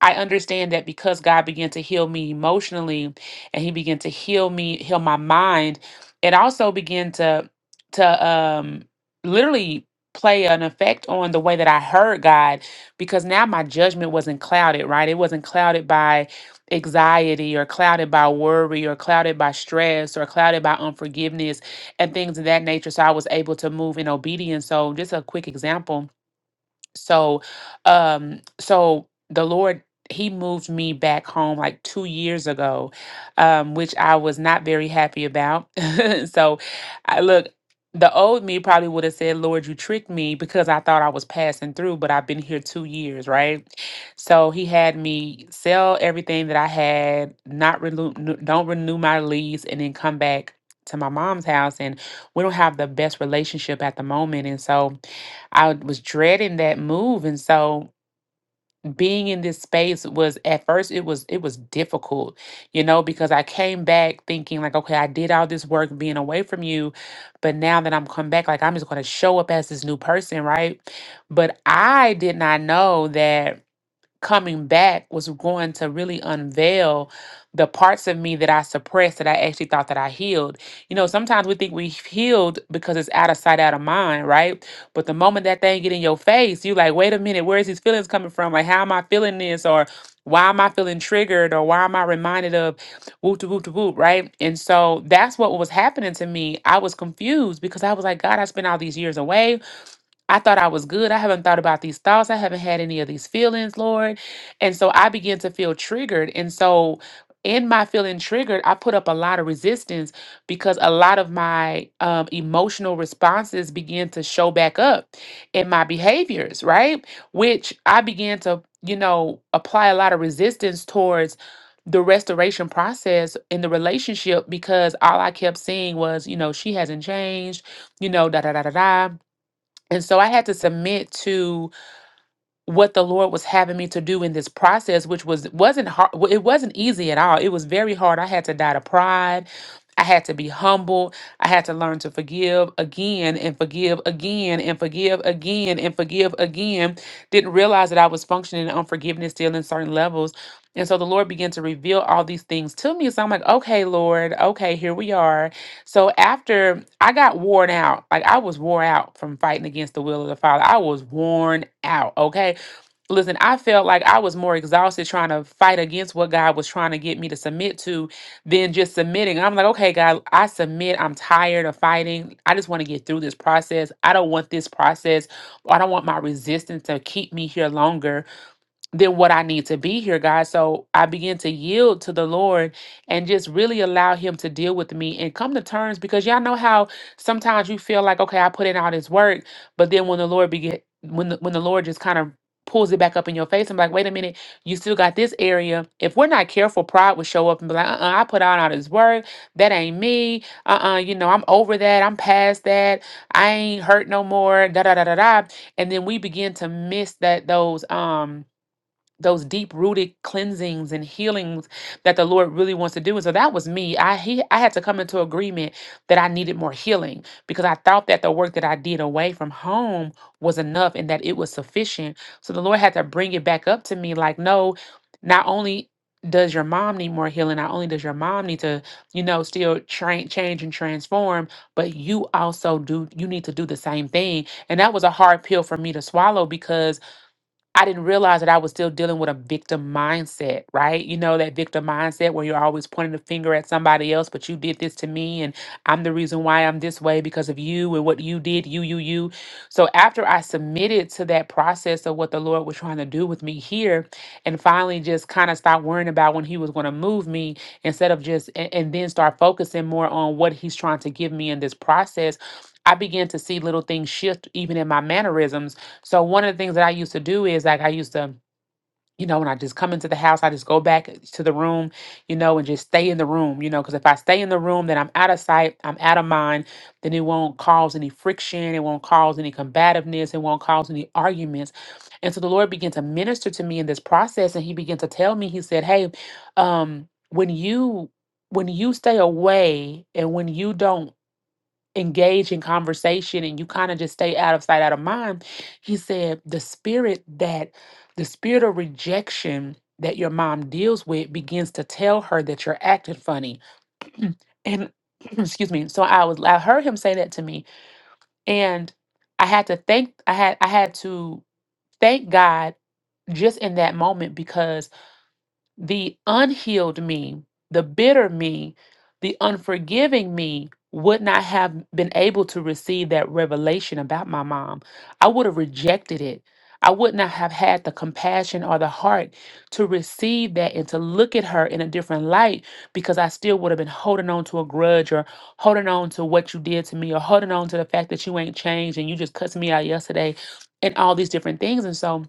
S6: I understand that because God began to heal me emotionally and he began to heal me, heal my mind, it also began to to um literally play an effect on the way that I heard God because now my judgment wasn't clouded, right? It wasn't clouded by anxiety or clouded by worry or clouded by stress or clouded by unforgiveness and things of that nature. So I was able to move in obedience. So just a quick example so um so the lord he moved me back home like two years ago um which i was not very happy about <laughs> so i look the old me probably would have said lord you tricked me because i thought i was passing through but i've been here two years right so he had me sell everything that i had not renew don't renew my lease and then come back to my mom's house and we don't have the best relationship at the moment and so I was dreading that move. And so being in this space was at first it was it was difficult, you know, because I came back thinking like, okay, I did all this work being away from you, but now that I'm come back, like I'm just gonna show up as this new person, right? But I did not know that coming back was going to really unveil the parts of me that I suppressed that I actually thought that I healed. You know, sometimes we think we've healed because it's out of sight, out of mind, right? But the moment that thing get in your face, you like, wait a minute, where is these feelings coming from? Like, how am I feeling this? Or why am I feeling triggered? Or why am I reminded of whoop to whoop to whoop, right? And so that's what was happening to me. I was confused because I was like, God, I spent all these years away. I thought I was good. I haven't thought about these thoughts. I haven't had any of these feelings, Lord. And so I began to feel triggered. And so in my feeling triggered, I put up a lot of resistance because a lot of my um, emotional responses began to show back up in my behaviors, right? Which I began to, you know, apply a lot of resistance towards the restoration process in the relationship because all I kept seeing was, you know, she hasn't changed, you know, da da da da da and so I had to submit to what the Lord was having me to do in this process, which was wasn't hard. w- It wasn't easy at all. It was very hard. I had to die to pride. I had to be humble. I had to learn to forgive again and forgive again and forgive again and forgive again. Didn't realize that I was functioning in unforgiveness still in certain levels. And so the Lord began to reveal all these things to me. So I'm like, okay, Lord, okay, here we are. So after I got worn out, like I was wore out from fighting against the will of the Father, I was worn out, okay? Listen, I felt like I was more exhausted trying to fight against what God was trying to get me to submit to than just submitting. I'm like, okay, God, I submit. I'm tired of fighting. I just want to get through this process. I don't want this process. I don't want my resistance to keep me here longer than what I need to be here, God. So I begin to yield to the Lord and just really allow Him to deal with me and come to terms because y'all know how sometimes you feel like, okay, I put in all this work, but then when the Lord begin, when the, when the Lord just kind of pulls it back up in your face, I'm like, wait a minute, you still got this area. If we're not careful, pride will show up and be like, uh-uh, I put out all this work. That ain't me. Uh-uh, you know, I'm over that. I'm past that. I ain't hurt no more. Da da da da da. And then we begin to miss that those um those deep rooted cleansings and healings that the Lord really wants to do. And so that was me. I he I had to come into agreement that I needed more healing because I thought that the work that I did away from home was enough and that it was sufficient. So the Lord had to bring it back up to me like, no, not only does your mom need more healing, not only does your mom need to, you know, still train change and transform, but you also do you need to do the same thing. And that was a hard pill for me to swallow because I didn't realize that I was still dealing with a victim mindset, right? You know, that victim mindset where you're always pointing the finger at somebody else, but you did this to me, and I'm the reason why I'm this way because of you and what you did, you, you, you. So after I submitted to that process of what the Lord was trying to do with me here, and finally just kind of stopped worrying about when He was going to move me instead of just, and, and then start focusing more on what He's trying to give me in this process. I began to see little things shift even in my mannerisms so one of the things that I used to do is like I used to, you know, when I just come into the house, I just go back to the room, you know, and just stay in the room, you know, because if I stay in the room, then I'm out of sight, I'm out of mind, then it won't cause any friction, it won't cause any combativeness, it won't cause any arguments. And so the Lord began to minister to me in this process, and He began to tell me, He said, Hey, um, when you when you stay away and when you don't engage in conversation and you kind of just stay out of sight, out of mind. He said, the spirit that the spirit of rejection that your mom deals with begins to tell her that you're acting funny. <clears throat> and <clears throat> excuse me. So I was I heard him say that to me and I had to thank I had I had to thank God just in that moment because the unhealed me, the bitter me, the unforgiving me would not have been able to receive that revelation about my mom. I would have rejected it. I would not have had the compassion or the heart to receive that and to look at her in a different light because I still would have been holding on to a grudge or holding on to what you did to me or holding on to the fact that you ain't changed and you just cussed me out yesterday and all these different things. And so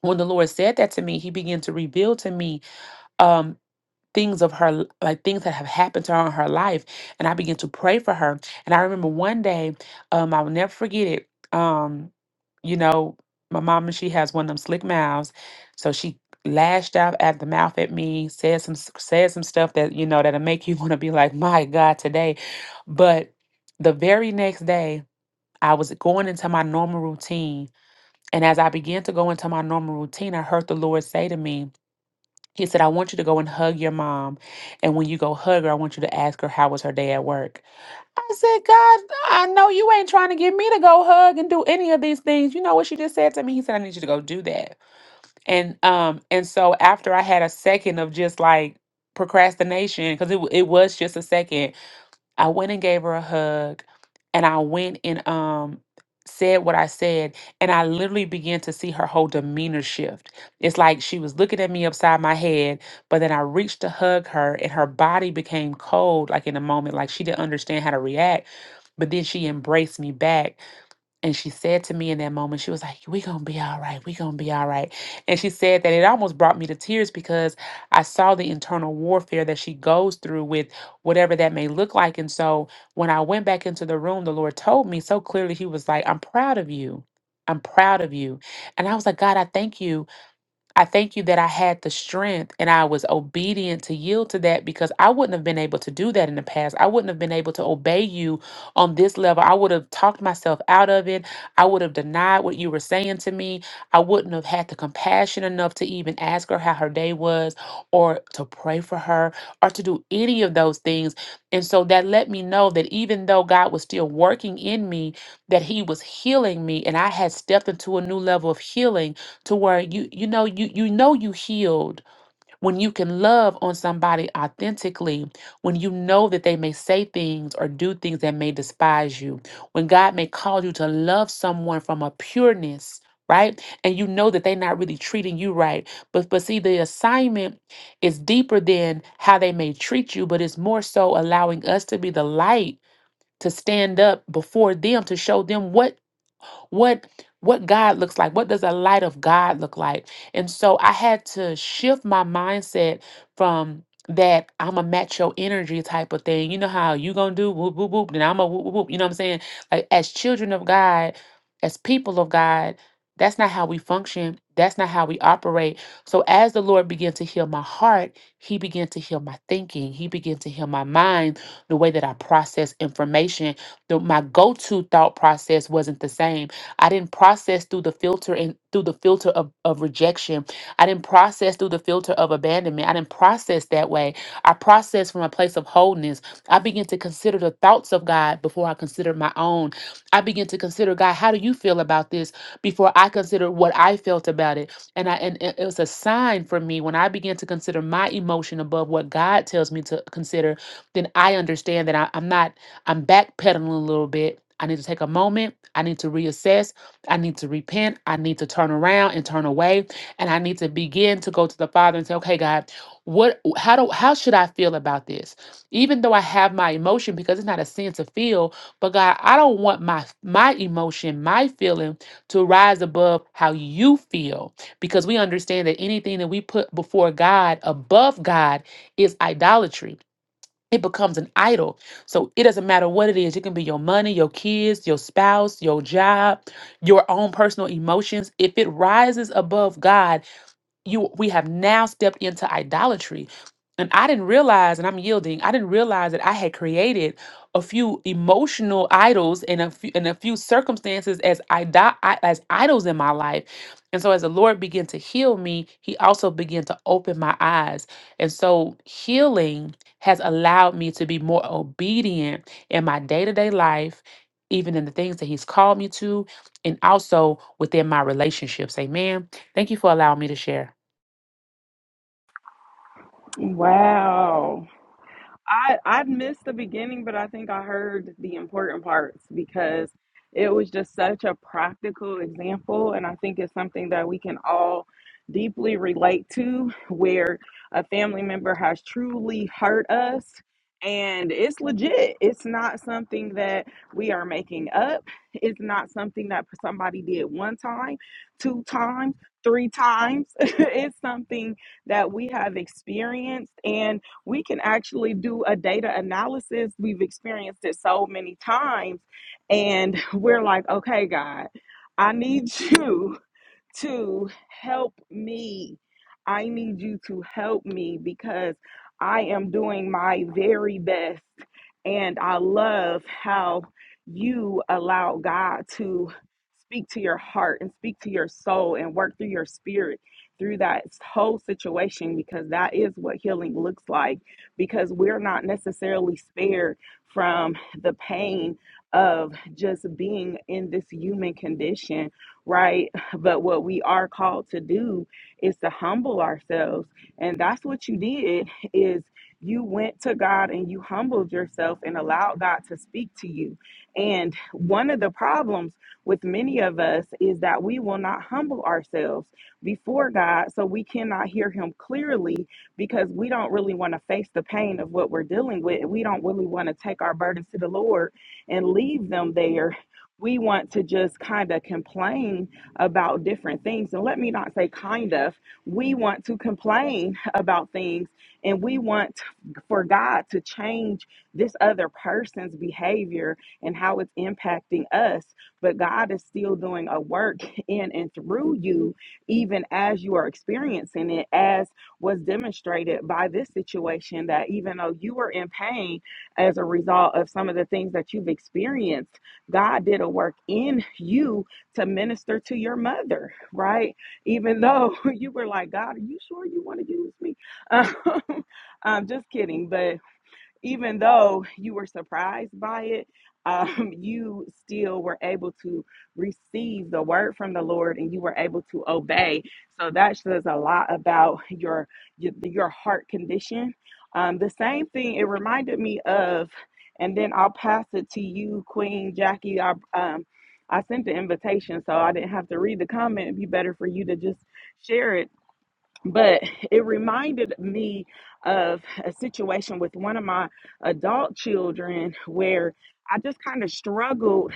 S6: when the Lord said that to me, He began to reveal to me um things of her l- like things that have happened to her in her life and i began to pray for her and i remember one day um i will never forget it um you know my mom she has one of them slick mouths so she lashed out at the mouth at me said some s- said some stuff that you know that'll make <laughs> you want to be like my god today but the very next day i was going into my normal routine and as i began to go into my normal routine i heard the lord say to me he said, I want you to go and hug your mom. And when you go hug her, I want you to ask her how was her day at work. I said, God, I know you ain't trying to get me to go hug and do any of these things. You know what she just said to me? He said, I need you to go do that. And um, and so after I had a second of just like procrastination, because it, w- it was just a second, I went and gave her a hug and I went and um said what I said and I literally began to see her whole demeanor shift. It's like she was looking at me upside my head, but then I reached to hug her and her body became cold like in a moment like she didn't understand how to react, but then she embraced me back and she said to me in that moment, she was like, we going to be all right. we going to be all right. And she said that it almost brought me to tears because I saw the internal warfare that she goes through with whatever that may look like. And so when I went back into the room, the Lord told me so clearly, He was like, I'm proud of you. I'm proud of you. And I was like, God, I thank you I thank you that I had the strength and I was obedient to yield to that because I wouldn't have been able to do that in the past. I wouldn't have been able to obey you on this level. I would have talked myself out of it. I would have denied what you were saying to me. I wouldn't have had the compassion enough to even ask her how her day was or to pray for her or to do any of those things. And so that let me know that even though God was still working in me, that He was healing me and I had stepped into a new level of healing to where you you know you you know you healed when you can love on somebody authentically when you know that they may say things or do things that may despise you when god may call you to love someone from a pureness right and you know that they're not really treating you right but but see the assignment is deeper than how they may treat you but it's more so allowing us to be the light to stand up before them to show them what what what God looks like. What does the light of God look like? And so I had to shift my mindset from that I'm a macho energy type of thing. You know how you gonna do whoop whoop whoop, then I'm a whoop whoop whoop. You know what I'm saying? Like as children of God, as people of God, that's not how we function. That's not how we operate. So as the Lord began to heal my heart, He began to heal my thinking. He began to heal my mind, the way that I process information. The, my go-to thought process wasn't the same. I didn't process through the filter and through the filter of, of rejection. I didn't process through the filter of abandonment. I didn't process that way. I processed from a place of wholeness. I began to consider the thoughts of God before I considered my own. I began to consider God, how do you feel about this before I consider what I felt about it. And I and it it was a sign for me when I began to consider my emotion above what God tells me to consider, then I understand that I, am not I'm backpedaling a little bit. I need to take a moment. I need to reassess. I need to repent. I need to turn around and turn away. And I need to begin to go to the Father and say, okay, God, what how do how should I feel about this? Even though I have my emotion, because it's not a sin to feel, but God, I don't want my my emotion, my feeling to rise above how you feel. Because we understand that anything that we put before God, above God, is idolatry it becomes an idol. So it doesn't matter what it is. It can be your money, your kids, your spouse, your job, your own personal emotions. If it rises above God, you we have now stepped into idolatry and i didn't realize and i'm yielding i didn't realize that i had created a few emotional idols and a few and a few circumstances as idol, as idols in my life and so as the lord began to heal me he also began to open my eyes and so healing has allowed me to be more obedient in my day-to-day life even in the things that he's called me to and also within my relationships amen thank you for allowing me to share
S1: Wow. I I missed the beginning, but I think I heard the important parts because it was just such a practical example, and I think it's something that we can all deeply relate to, where a family member has truly hurt us, and it's legit. It's not something that we are making up. It's not something that somebody did one time, two times, three times. <laughs> it's something that we have experienced and we can actually do a data analysis. We've experienced it so many times, and <laughs> we're like, okay, God, I need <laughs> you to help me. I need you to help me because I am doing my very best. And I love how you allow God to speak to your heart and speak to your soul and work through your spirit through that whole situation because that is what healing looks like because we're not necessarily spared from the pain of just being in this human condition right but what we are called to do is to humble ourselves. And that's what you did is you went to God and you humbled yourself and allowed God to speak to you. And one of the problems with many of us is that we will not humble ourselves before God, so we cannot hear him clearly because we don't really want to face the pain of what we're dealing with. We don't really want to take our burdens to the Lord and leave them there. We want to just kind of complain about different things. And let me not say kind of, we want to complain <laughs> about things and we want for God to change this other person's behavior and how it's impacting us. But God is still doing a work <laughs> in and through you, even as you are experiencing it, as was demonstrated by this situation that even though you were in pain as a result of some of the things that you've experienced, God did a work in you to minister to your mother, right? Even though <laughs> you were like, God, are you sure you want to use me? Um, <laughs> I'm just kidding, but even though you were surprised by it, <laughs> um, you still were able to receive the word from the Lord, and you were able to obey. So that says a lot about your your, your heart condition. Um, the same thing it reminded me of, and then I'll pass it to you, Queen Jackie. I um, I sent the invitation, so I didn't have to read the comment. It'd be better for you to just share it but it reminded me of a situation with one of my adult children where I just kind of struggled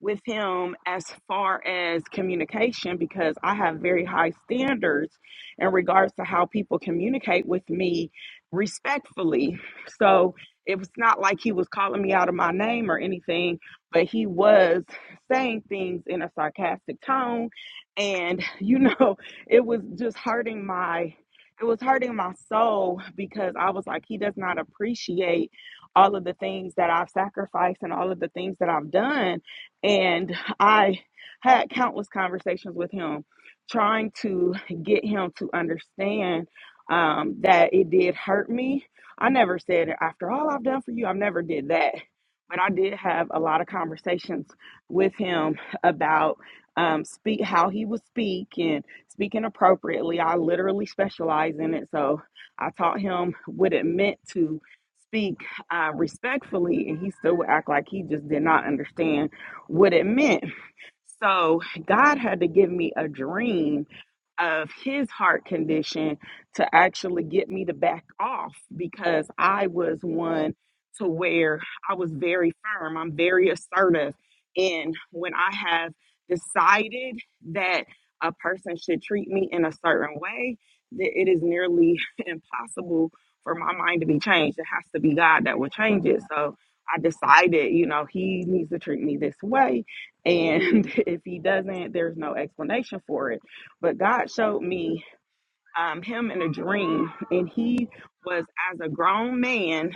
S1: with him as far as communication because I have very high standards in regards to how people communicate with me respectfully. So it was not like he was calling me out of my name or anything, but he was saying things in a sarcastic tone. And, <laughs> you know, it was just hurting my. It was hurting my soul because I was like, he does not appreciate all of the things that I've sacrificed and all of the things that I've done and I had countless conversations with him, trying to get him to understand um, that it did hurt me. I never said, "After all I've done for you," I've never did that, but I did have a lot of conversations with him about um, speak how he would speak and speaking appropriately. I literally specialize in it, so I taught him what it meant to speak uh, respectfully, and he still would act like he just did not understand what it meant. So God had to give me a dream of his heart condition to actually get me to back off because I was one to where I was very firm. I'm very assertive. And when I have decided that a person should treat me in a certain way, that it is nearly <laughs> impossible for my mind to be changed. It has to be God that will change it. So I decided, you know, he needs to treat me this way. And <laughs> if he doesn't, there's no explanation for it. But God showed me um, him in a dream, and he was as a grown man,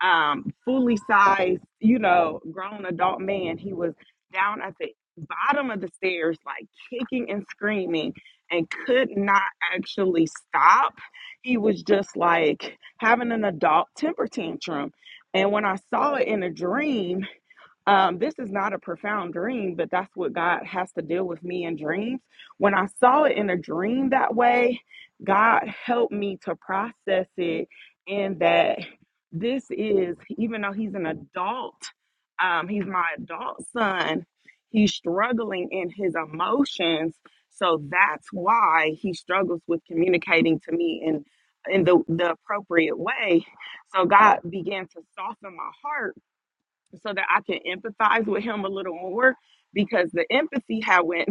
S1: um, fully sized, you know, grown adult man. He was down at the bottom of the stairs, like kicking and screaming, and could not actually stop. He was just like having an adult temper tantrum. And when I saw it in a dream, um, this is not a profound dream, but that's what God has to deal with me in dreams. When I saw it in a dream that way, God helped me to process it and that this is, even though he's an adult, um, he's my adult son, he's struggling in his emotions. So that's why he struggles with communicating to me in in the, the appropriate way. So God began to soften my heart so that I can empathize with him a little more because the empathy I went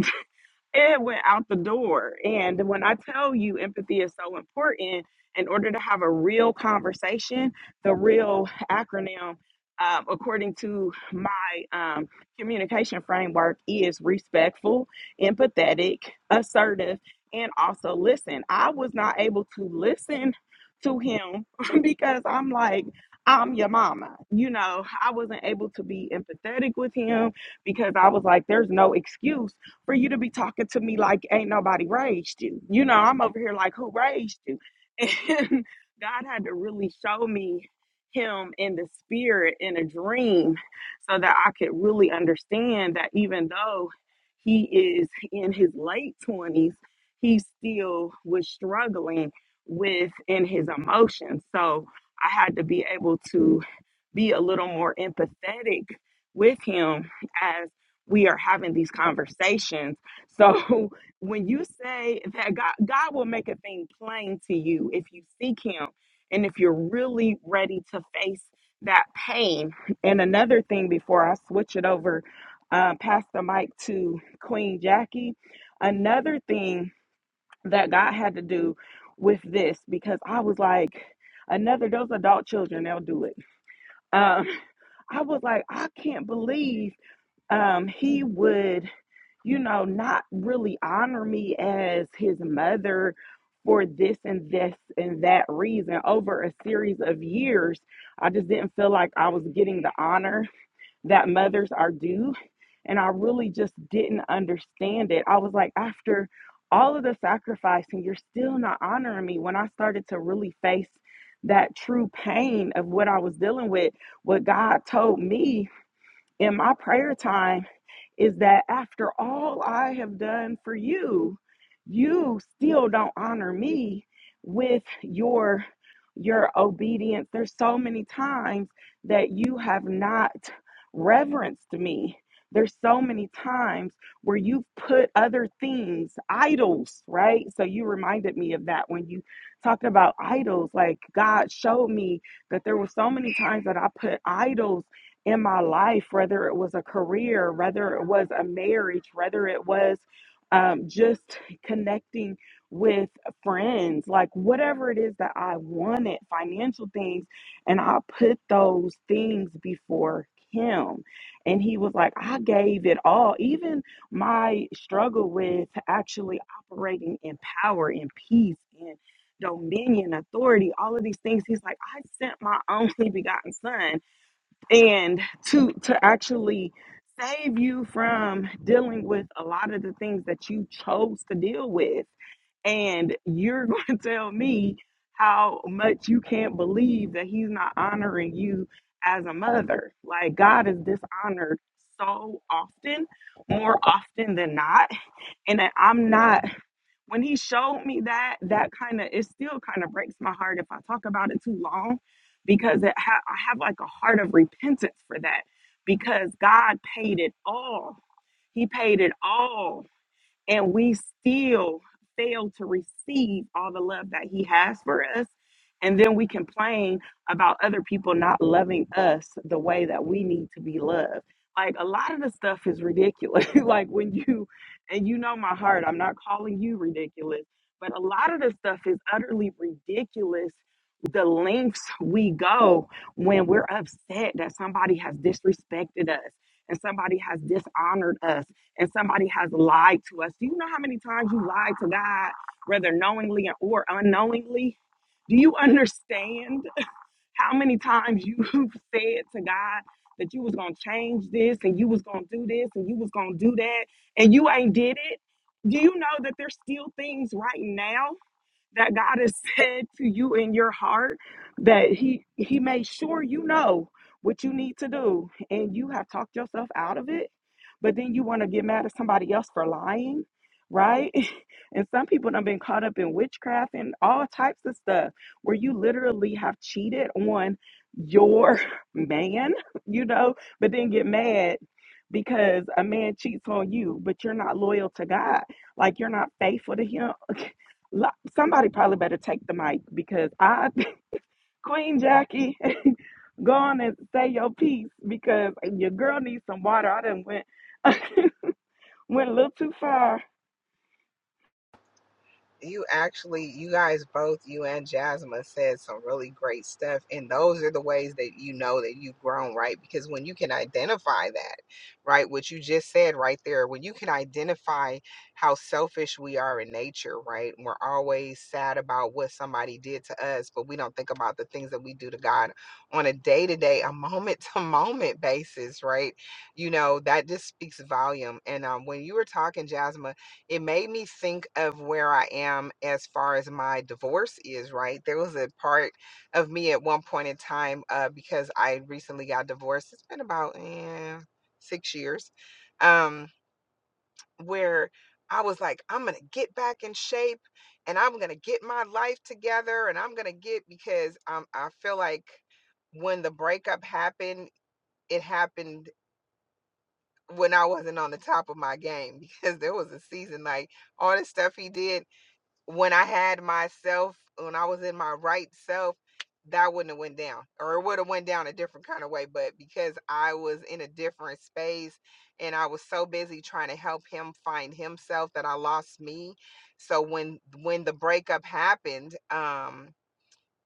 S1: it went out the door. And when I tell you empathy is so important, in order to have a real conversation, the real acronym, um, according to my um, communication framework, is respectful, empathetic, assertive, and also listen. I was not able to listen to him <laughs> because I'm like, I'm your mama. You know, I wasn't able to be empathetic with him because I was like, there's no excuse for you to be talking to me like ain't nobody raised you. You know, I'm over here like, who raised you? And <laughs> God had to really show me him in the spirit in a dream so that I could really understand that even though he is in his late 20s, he still was struggling with in his emotions. So I had to be able to be a little more empathetic with him as we are having these conversations. So <laughs> when you say that God God will make a thing plain to you if you seek him and if you're really ready to face that pain. And another thing before I switch it over uh, pass the mic to Queen Jackie, another thing that God had to do with this because I was like another those adult children they'll do it um, <laughs> I was like, I can't believe um, he would, you know, not really honor me as his mother for this and this and that reason over a series of years. I just didn't feel like I was getting the honor that mothers are due. And I really just didn't understand it. I was like, after all of the sacrifice, and you're still not honoring me. When I started to really face that true pain of what I was dealing with, what God told me in my prayer time is that after all I have done for you, you still don't honor me with your your obedience. There's so many times that you have not reverenced me. There's so many times where you've put other things, idols, right? So you reminded me of that when you talked about idols. Like God showed me that there were so many times that I put idols in my life, whether it was a career, whether it was a marriage, whether it was um, just connecting with friends, like whatever it is that I wanted, financial things. And I put those things before him. And he was like, I gave it all. Even my struggle with actually operating in power and peace and dominion, authority, all of these things. He's like, I sent my <laughs> only begotten son and to to actually save you from dealing with a lot of the things that you chose to deal with and you're <laughs> going to tell me how much you can't believe that he's not honoring you as a mother like god is dishonored so often more often than not and I- i'm not when he showed me that, that kind of it still kind of breaks my heart if I talk about it too long, because it ha- I have like a heart of repentance for that, because God paid it all. He paid it all and we still fail to receive all the love that he has for us and then we complain about other people not loving us the way that we need to be loved like a lot of the stuff is ridiculous <laughs> like when you and you know my heart i'm not calling you ridiculous but a lot of the stuff is utterly ridiculous the lengths we go when we're upset that somebody has disrespected us and somebody has dishonored us and somebody has lied to us, do you know how many times you lied to God, whether knowingly or unknowingly? Do you understand how many times you <laughs> said to God that you was gonna change this and you was gonna do this and you was gonna do that and you ain't did it? Do you know that there's still things right now? that God has <laughs> said to you in your heart that he he made sure you know what you need to do and you have talked yourself out of it but then you want to get mad at somebody else for lying right <laughs> and some people have been caught up in witchcraft and all types of stuff where you literally have cheated on your <laughs> man you know but then get mad because a man cheats on you but you're not loyal to god like you're not faithful to him Lo- Somebody probably better take the mic because I, <laughs> Queen Jackie, <laughs> go on and say your piece because your girl needs some water. I done went <laughs> went a little too far.
S7: you actually you guys both you and jasmine said some really great stuff and those are the ways that you know that you've grown right because when you can identify that right what you just said right there when you can identify how selfish we are in nature right we're always sad about what somebody did to us but we don't think about the things that we do to god on a day-to-day a moment-to-moment basis right you know that just speaks volume and um, when you were talking jasmine it made me think of where I am as far as my divorce is, right? There was a part of me at one point in time uh, because I recently got divorced. It's been about eh, six years um, where I was like, I'm going to get back in shape and I'm going to get my life together and I'm going to get because um, I feel like when the breakup happened, it happened when I wasn't on the top of my game <laughs> because there was a season like all the stuff he did when I had myself, when I was in my right self, that wouldn't have went down, or it would have went down a different kind of way. But because I was in a different space, and I was so busy trying to help him find himself that I lost me. So when when the breakup happened, um,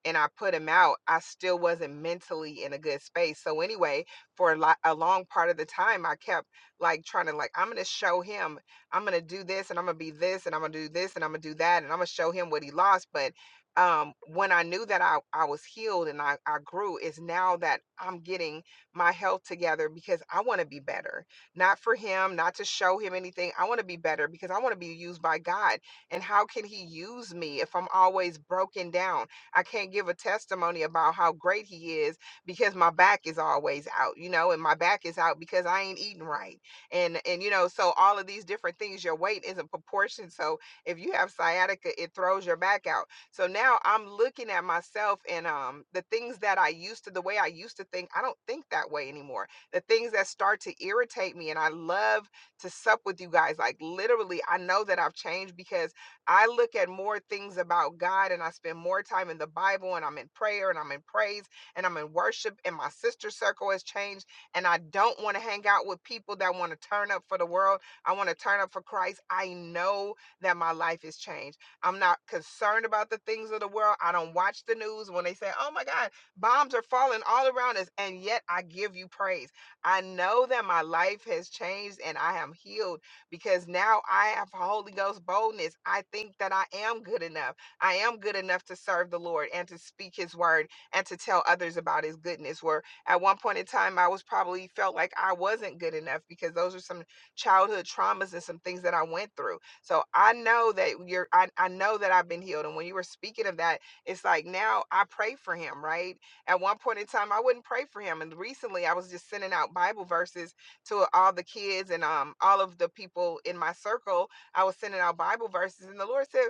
S7: and I put him out, I still wasn't mentally in a good space. So anyway, for a, lo- a long part of the time, I kept like trying to like I'm gonna show him, I'm gonna do this, and I'm gonna be this, and I'm gonna do this, and I'm gonna do that, and I'm gonna show him what he lost. But um, when I knew that I I was healed and I I grew, is now that I'm getting my health together because I want to be better, not for him, not to show him anything. I want to be better because I want to be used by God. And how can He use me if I'm always broken down? I can't give a testimony about how great he is because my back is always out, you know, and my back is out because I ain't eating right. And and you know, so all of these different things, your weight isn't proportioned. So if you have sciatica, it throws your back out. So now I'm looking at myself and um the things that I used to, the way I used to think, I don't think that way anymore. The things that start to irritate me, and I love to sup with you guys. Like literally, I know that I've changed because I look at more things about God and I spend more time in the Bible and I'm in prayer and I'm in praise and I'm in worship and my sister circle has changed and I don't want to hang out with people that want to turn up for the world. I want to turn up for Christ. I know that my life has changed. I'm not concerned about the things of the world. I don't watch the news when they say, "Oh my God, bombs are falling all around us," and yet I give you praise. I know that my life has changed and I am healed because now I have Holy Ghost boldness. I think that I am good enough. I am good enough to serve the Lord and to speak his word and to tell others about his goodness. Where at one point in time, I was probably felt like I wasn't good enough because those are some childhood traumas and some things that I went through. So I know that you're, I, I know that I've been healed. And when you were speaking of that, it's like now I pray for him, right? At one point in time, I wouldn't pray for him. And recently, I was just sending out Bible verses to all the kids and um all of the people in my circle. I was sending out Bible verses, and the Lord said,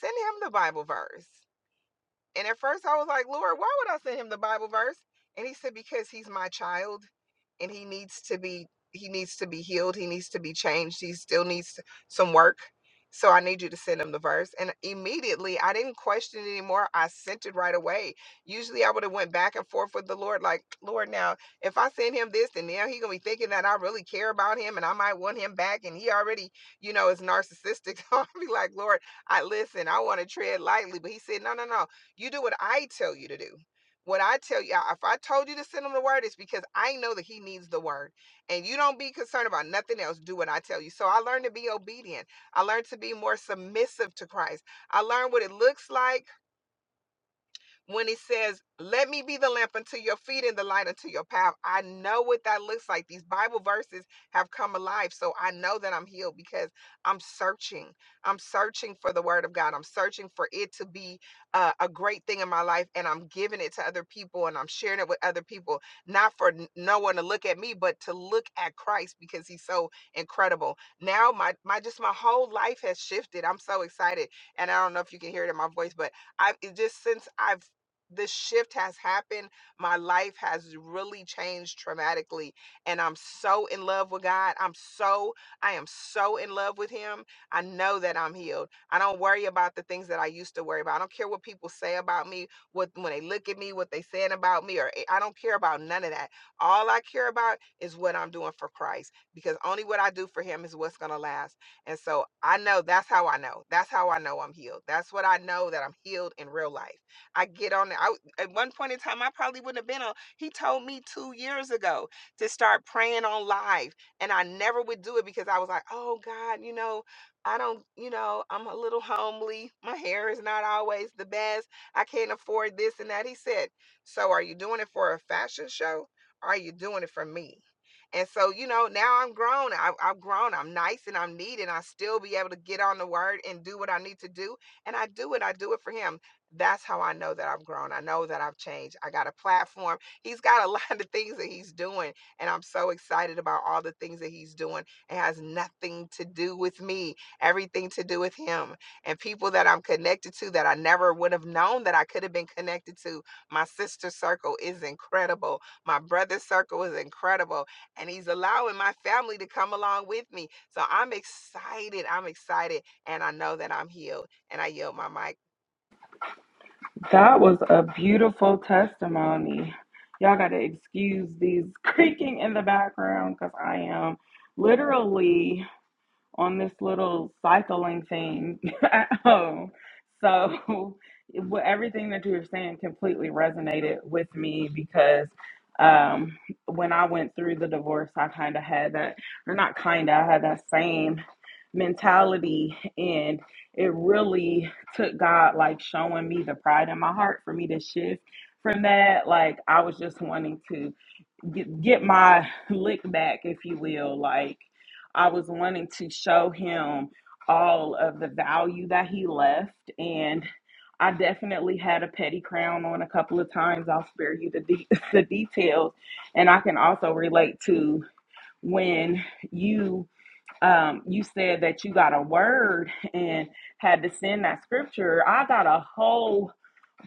S7: "Send him the Bible verse." And at first I was like, Lord, why would I send him the Bible verse? And he said, Because he's my child and he needs to be he needs to be healed. He needs to be changed. He still needs some work. So I need you to send him the verse. And immediately I didn't question it anymore. I sent it right away. Usually I would have went back and forth with the Lord, like, Lord, now if I send him this, then now he gonna be thinking that I really care about him and I might want him back. And he already, you know, is narcissistic. <laughs> So i would be like, Lord, I listen, I want to tread lightly. But he said, No, no, no. You do what I tell you to do. What I tell you, if I told you to send him the word, it's because I know that he needs the word. And you don't be concerned about nothing else. Do what I tell you. So I learned to be obedient. I learned to be more submissive to Christ. I learned what it looks like when he says, Let me be the lamp unto your feet and the light unto your path. I know what that looks like. These Bible verses have come alive. So I know that I'm healed because I'm searching. I'm searching for the word of God. I'm searching for it to be uh, a great thing in my life. And I'm giving it to other people and I'm sharing it with other people, not for n- no one to look at me, but to look at Christ because he's so incredible. Now my, my just my whole life has shifted. I'm so excited. And I don't know if you can hear it in my voice, but I've it just since I've this shift has happened. My life has really changed dramatically. And I'm so in love with God. I'm so, I am so in love with Him. I know that I'm healed. I don't worry about the things that I used to worry about. I don't care what people say about me, what when they look at me, what they saying about me, or I don't care about none of that. All I care about is what I'm doing for Christ. Because only what I do for Him is what's gonna last. And so I know that's how I know. That's how I know I'm healed. That's what I know that I'm healed in real life. I get on. there. at one point in time I probably wouldn't have been on. He told me two years ago to start praying on live, and I never would do it because I was like, oh God, you know, I don't, you know, I'm a little homely. My hair is not always the best. I can't afford this and that. He said, so are you doing it for a fashion show? Or are you doing it for me? And so, you know, now I'm grown. I, I'm grown. I'm nice and I'm neat, and I still be able to get on the word and do what I need to do. And I do it. I do it for him that's how I know that I've grown. I know that I've changed. I got a platform. He's got a <laughs> lot of things that he's doing. And I'm so excited about all the things that he's doing. It has nothing to do with me, everything to do with him and people that I'm connected to that I never would have known that I could have been connected to. My sister circle is incredible. My brother circle is incredible. And he's allowing my family to come along with me. So I'm excited. I'm excited. And I know that I'm healed. And I yield my mic.
S1: That was a beautiful testimony. Y'all got to excuse these creaking in the background because I am literally. on this little cycling thing <laughs> at home. So <laughs> what- everything that you were saying completely resonated with me because um, when I went through the divorce, I kind of had that, or not kind of, I had that same mentality. And it really took God like showing me the pride in my heart for me to shift from that. Like I was just wanting to get, get my lick back, if you will. Like I was wanting to show him all of the value that he left, and I definitely had a petty crown on a couple of times. I'll spare you the de- <laughs> the details, and I can also relate to when you um you said that you got a word and had to send that scripture i got a whole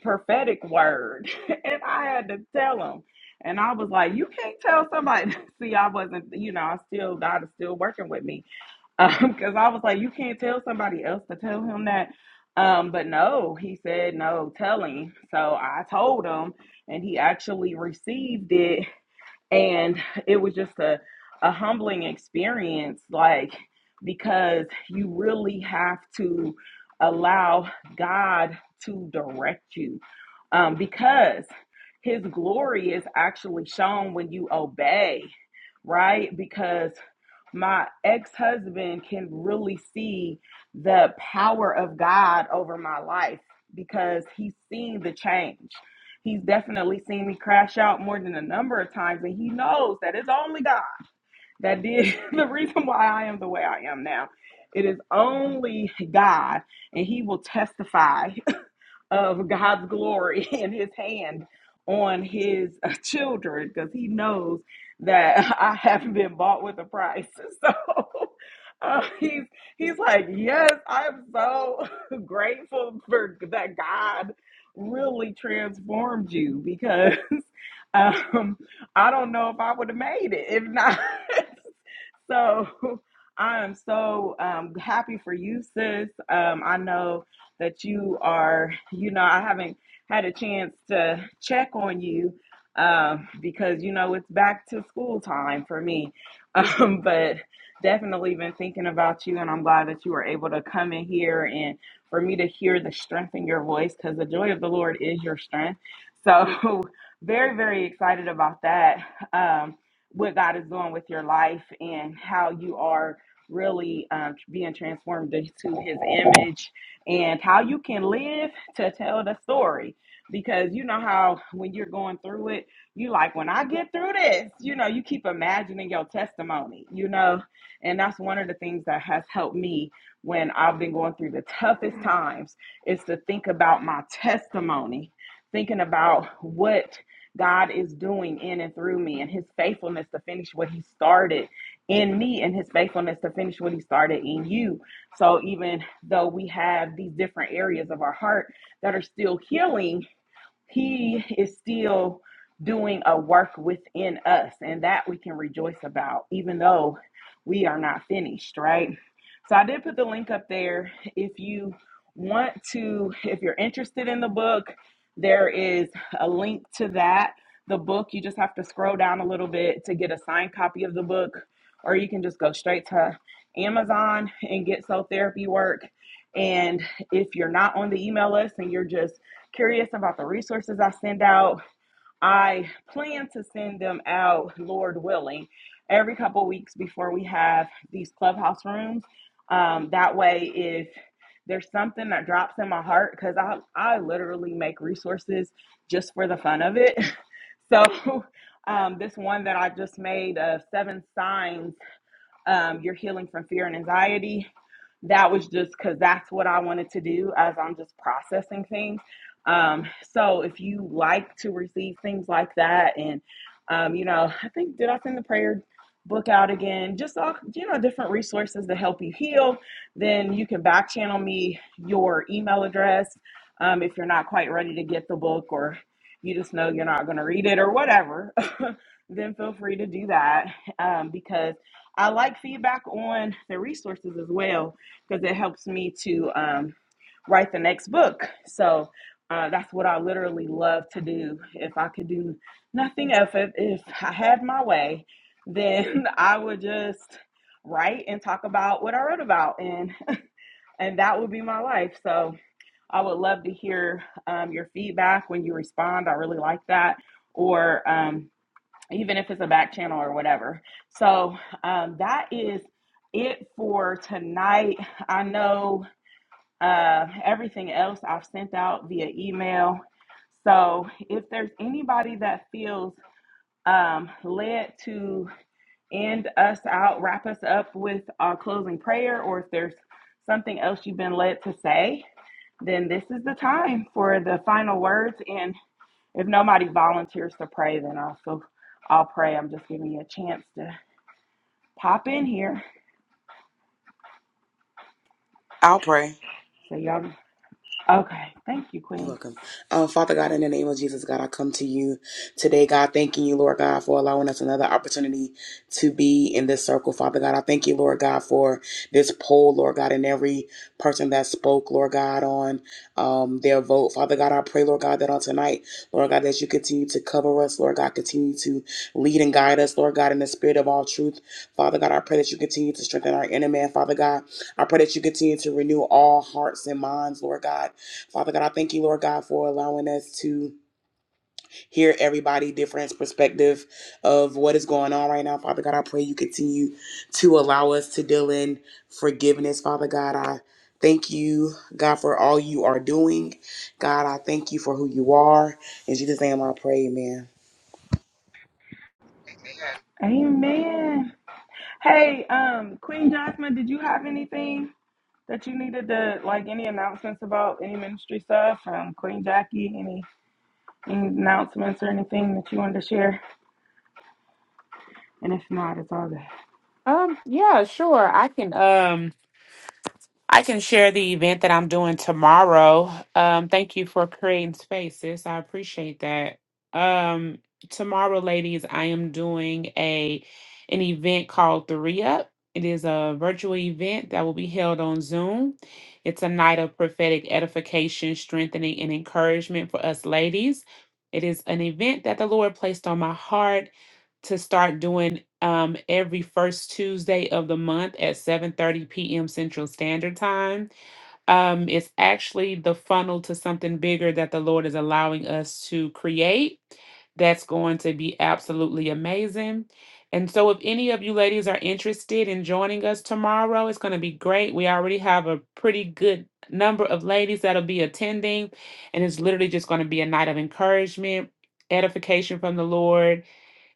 S1: prophetic word. <laughs> and I had to tell him. And I was like, you can't tell somebody. <laughs> See, I wasn't, you know, I still, God is still working with me. <laughs> Because I was like, you can't tell somebody else to tell him that. Um, but no, he said, no, tell him. So I told him, and he actually received it and it was just a, a humbling experience like because you really have to allow god to direct you um, because his glory is actually shown when you obey right because my ex-husband can really see the power of god over my life because he's seen the change He's definitely seen me crash out more than a number of times, and he knows that it's only God that did <laughs> the reason why I am the way I am now. It is only God, and He will testify of God's glory <laughs> and his hand on his uh, children because he knows that <laughs> I haven't been bought with a price. <laughs> So uh, he's he's like, yes, I'm so <laughs> grateful for that God really transformed you because <laughs> um, I don't know if I would have made it if not. <laughs> so I am so um, happy for you, sis. Um, I know that you are, you know, I haven't had a chance to check on you um, because, you know, it's back to school time for me. <laughs> Um, but definitely been thinking about you, and I'm glad that you were able to come in here and for me to hear the strength in your voice because the joy of the Lord is your strength. So, <laughs> very, very excited about that. Um, what God is doing with your life and how you are really um, being transformed into His image and how you can live to tell the story. Because you know how when you're going through it, you like, when I get through this, you know, you keep imagining your testimony, you know, and that's one of the things that has helped me when I've been going through the toughest times is to think about my testimony, thinking about what God is doing in and through me and his faithfulness to finish what he started in me and his faithfulness to finish what he started in you so even though we have these different areas of our heart that are still healing, he is still doing a work within us, and that we can rejoice about, even though we are not finished, right? So I did put the link up there. If you want to, if you're interested in the book, there is a link to that. The book, you just have to scroll down a little bit to get a signed copy of the book, or you can just go straight to Amazon and get soul therapy work. And if you're not on the email list and you're just curious about the resources I send out. I plan to send them out, Lord willing, every couple weeks before we have these clubhouse rooms. Um, that way, if there's something that drops in my heart, because I, I literally make resources just for the fun of it. <laughs> So, um, this one that I just made of seven signs um, you're healing from fear and anxiety. That was just because that's what I wanted to do as I'm just processing things. Um, so if you like to receive things like that, and um, you know, I think did I send the prayer book out again? Just all you know, different resources to help you heal. Then you can back channel me your email address um, if you're not quite ready to get the book or you just know you're not going to read it or whatever. <laughs> then feel free to do that um, because I like feedback on the resources as well because it helps me to um, write the next book. So uh, that's what I literally love to do. If I could do nothing else, if, if I had my way, then <laughs> I would just write and talk about what I wrote about, and and that would be my life. So I would love to hear um, your feedback when you respond. I really like that. Or um, even if it's a back channel or whatever. So um, that is it for tonight. I know uh, everything else I've sent out via email. So if there's anybody that feels um, led to end us out, wrap us up with our closing prayer, or if there's something else you've been led to say, then this is the time for the final words. and. If nobody volunteers to pray, then I'll so I'll pray. I'm just giving you a chance to pop in here.
S5: I'll pray.
S1: So y'all okay. Thank you,
S5: You're
S1: Queen.
S5: welcome. Uh, Father God, in the name of Jesus, God, I come to you today, God, thanking you, Lord God, for allowing us another opportunity to be in this circle. Father God, I thank you, Lord God, for this poll, Lord God, and every person that spoke, Lord God, on um, their vote. Father God, I pray, Lord God, that on tonight, Lord God, that you continue to cover us, Lord God, continue to lead and guide us, Lord God, in the spirit of all truth. Father God, I pray that you continue to strengthen our inner man, Father God. I pray that you continue to renew all hearts and minds, Lord God. Father God, I thank you, Lord God, for allowing us to hear everybody different perspective of what is going on right now. Father God, I pray you continue to allow us to deal in forgiveness. Father God, I thank you, God, for all you are doing. God, I thank you for who you are. In Jesus' name I pray, amen.
S1: Amen. Hey, um, Queen Jasmine, did you have anything that you needed to like any announcements about any ministry stuff from Queen Jackie? Any any announcements or anything that you wanted to share? And if not, it's all good.
S6: Um, yeah, sure. I can um I can share the event that I'm doing tomorrow. Um, thank you for creating spaces. I appreciate that. Um, tomorrow, ladies, I am doing a an event called The Re-Up. It is a virtual event that will be held on Zoom. It's a night of prophetic edification, strengthening, and encouragement for us ladies. It is an event that the Lord placed on my heart to start doing um, every first Tuesday of the month at 7:30 p.m. Central Standard Time. Um, it's actually the funnel to something bigger that the Lord is allowing us to create. That's going to be absolutely amazing. And so, if any of you ladies are interested in joining us tomorrow, it's going to be great. We already have a pretty good number of ladies that'll be attending, and it's literally just going to be a night of encouragement, edification from the Lord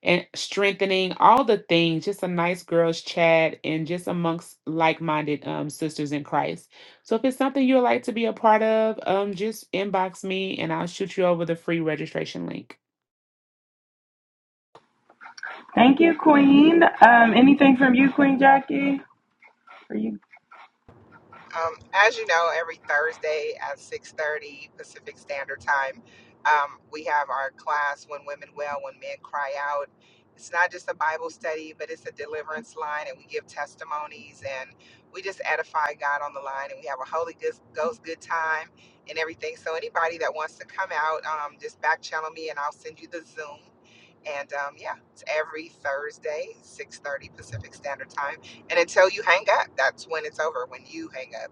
S6: and strengthening all the things just a nice girls chat and just amongst like-minded um, sisters in christ so if it's something you would like to be a part of um, just inbox me and i'll shoot you over the free registration link
S1: Thank you, Queen. Um, anything from you, Queen Jackie? Are you?
S7: Um, as you know, every Thursday at 6:30 Pacific Standard Time, um, we have our class "When Women Well, When Men Cry Out." It's not just a Bible study, but it's a deliverance line, and we give testimonies and we just edify God on the line, and we have a Holy Ghost Ghost good time and everything. So anybody that wants to come out, um, just back channel me, and I'll send you the Zoom. And um, yeah, it's every Thursday, 6:30 Pacific Standard Time. And until you hang up, that's when it's over. When you hang up.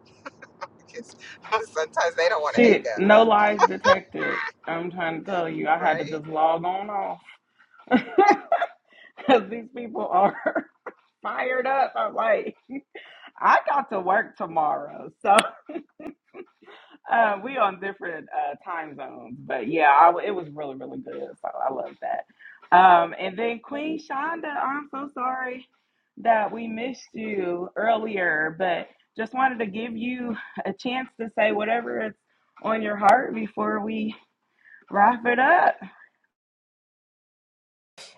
S7: Because <laughs> sometimes they don't want to hang
S1: Shit,
S7: up,
S1: no lies detected. I'm trying to tell you, I had to
S7: right?
S1: just log on off. <laughs> Because these people are <laughs> fired up. I'm like, <laughs> I got to work tomorrow. So <laughs> uh, we on different uh, time zones. But yeah, I w it was really, really good. So I love that. Um, and then Queen Shonda, I'm so sorry that we missed you earlier, but just wanted to give you a chance to say whatever is on your heart before we Wrap it up.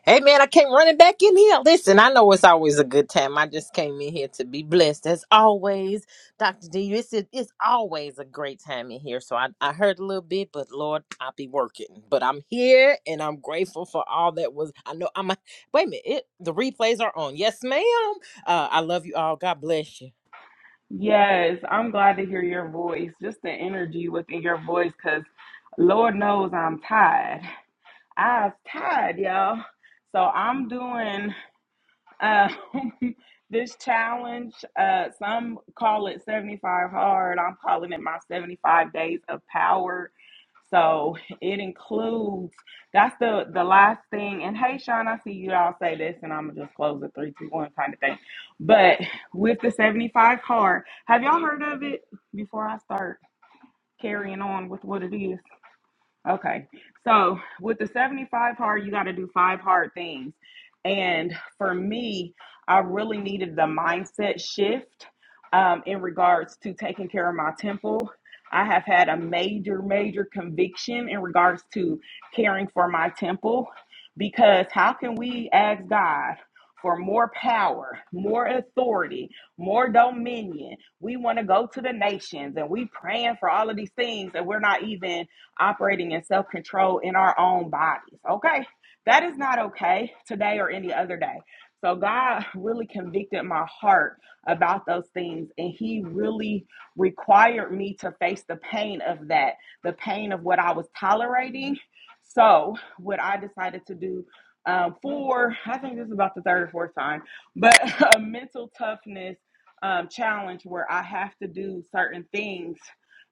S4: Hey, man, I came running back in here. Listen, I know it's always a good time. I just came in here to be blessed. As always, Dr. D, it's, it's always a great time in here. So I, I heard a little bit, but Lord, I'll be working. But I'm here and I'm grateful for all that was. I know I'm a, wait a minute. It, the replays are on. Yes, ma'am. Uh, I love you all. God bless you.
S1: Yes, I'm glad to hear your voice, just the energy within your voice, because Lord knows I'm tired. I was tired, y'all. So I'm doing. Um, <laughs> this challenge, uh, some call it 75 hard. I'm calling it my 75 days of power. So it includes that's the the last thing. And hey, Sean, I see you all say this, and I'm gonna just close the three, two, one kind of thing. But with the 75 hard, have y'all heard of it before I start carrying on with what it is? Okay. So with the 75 hard, you got to do five hard things. And for me, I really needed the mindset shift um, in regards to taking care of my temple. I have had a major, major conviction in regards to caring for my temple because how can we ask God for more power, more authority, more dominion? We want to go to the nations and we praying for all of these things and we're not even operating in self control in our own bodies. Okay. That is not okay today or any other day. So God really convicted my heart about those things and he really required me to face the pain of that, the pain of what I was tolerating. So what I decided to do um, for I think this is about the third or fourth time, but <laughs> a mental toughness um, challenge where I have to do certain things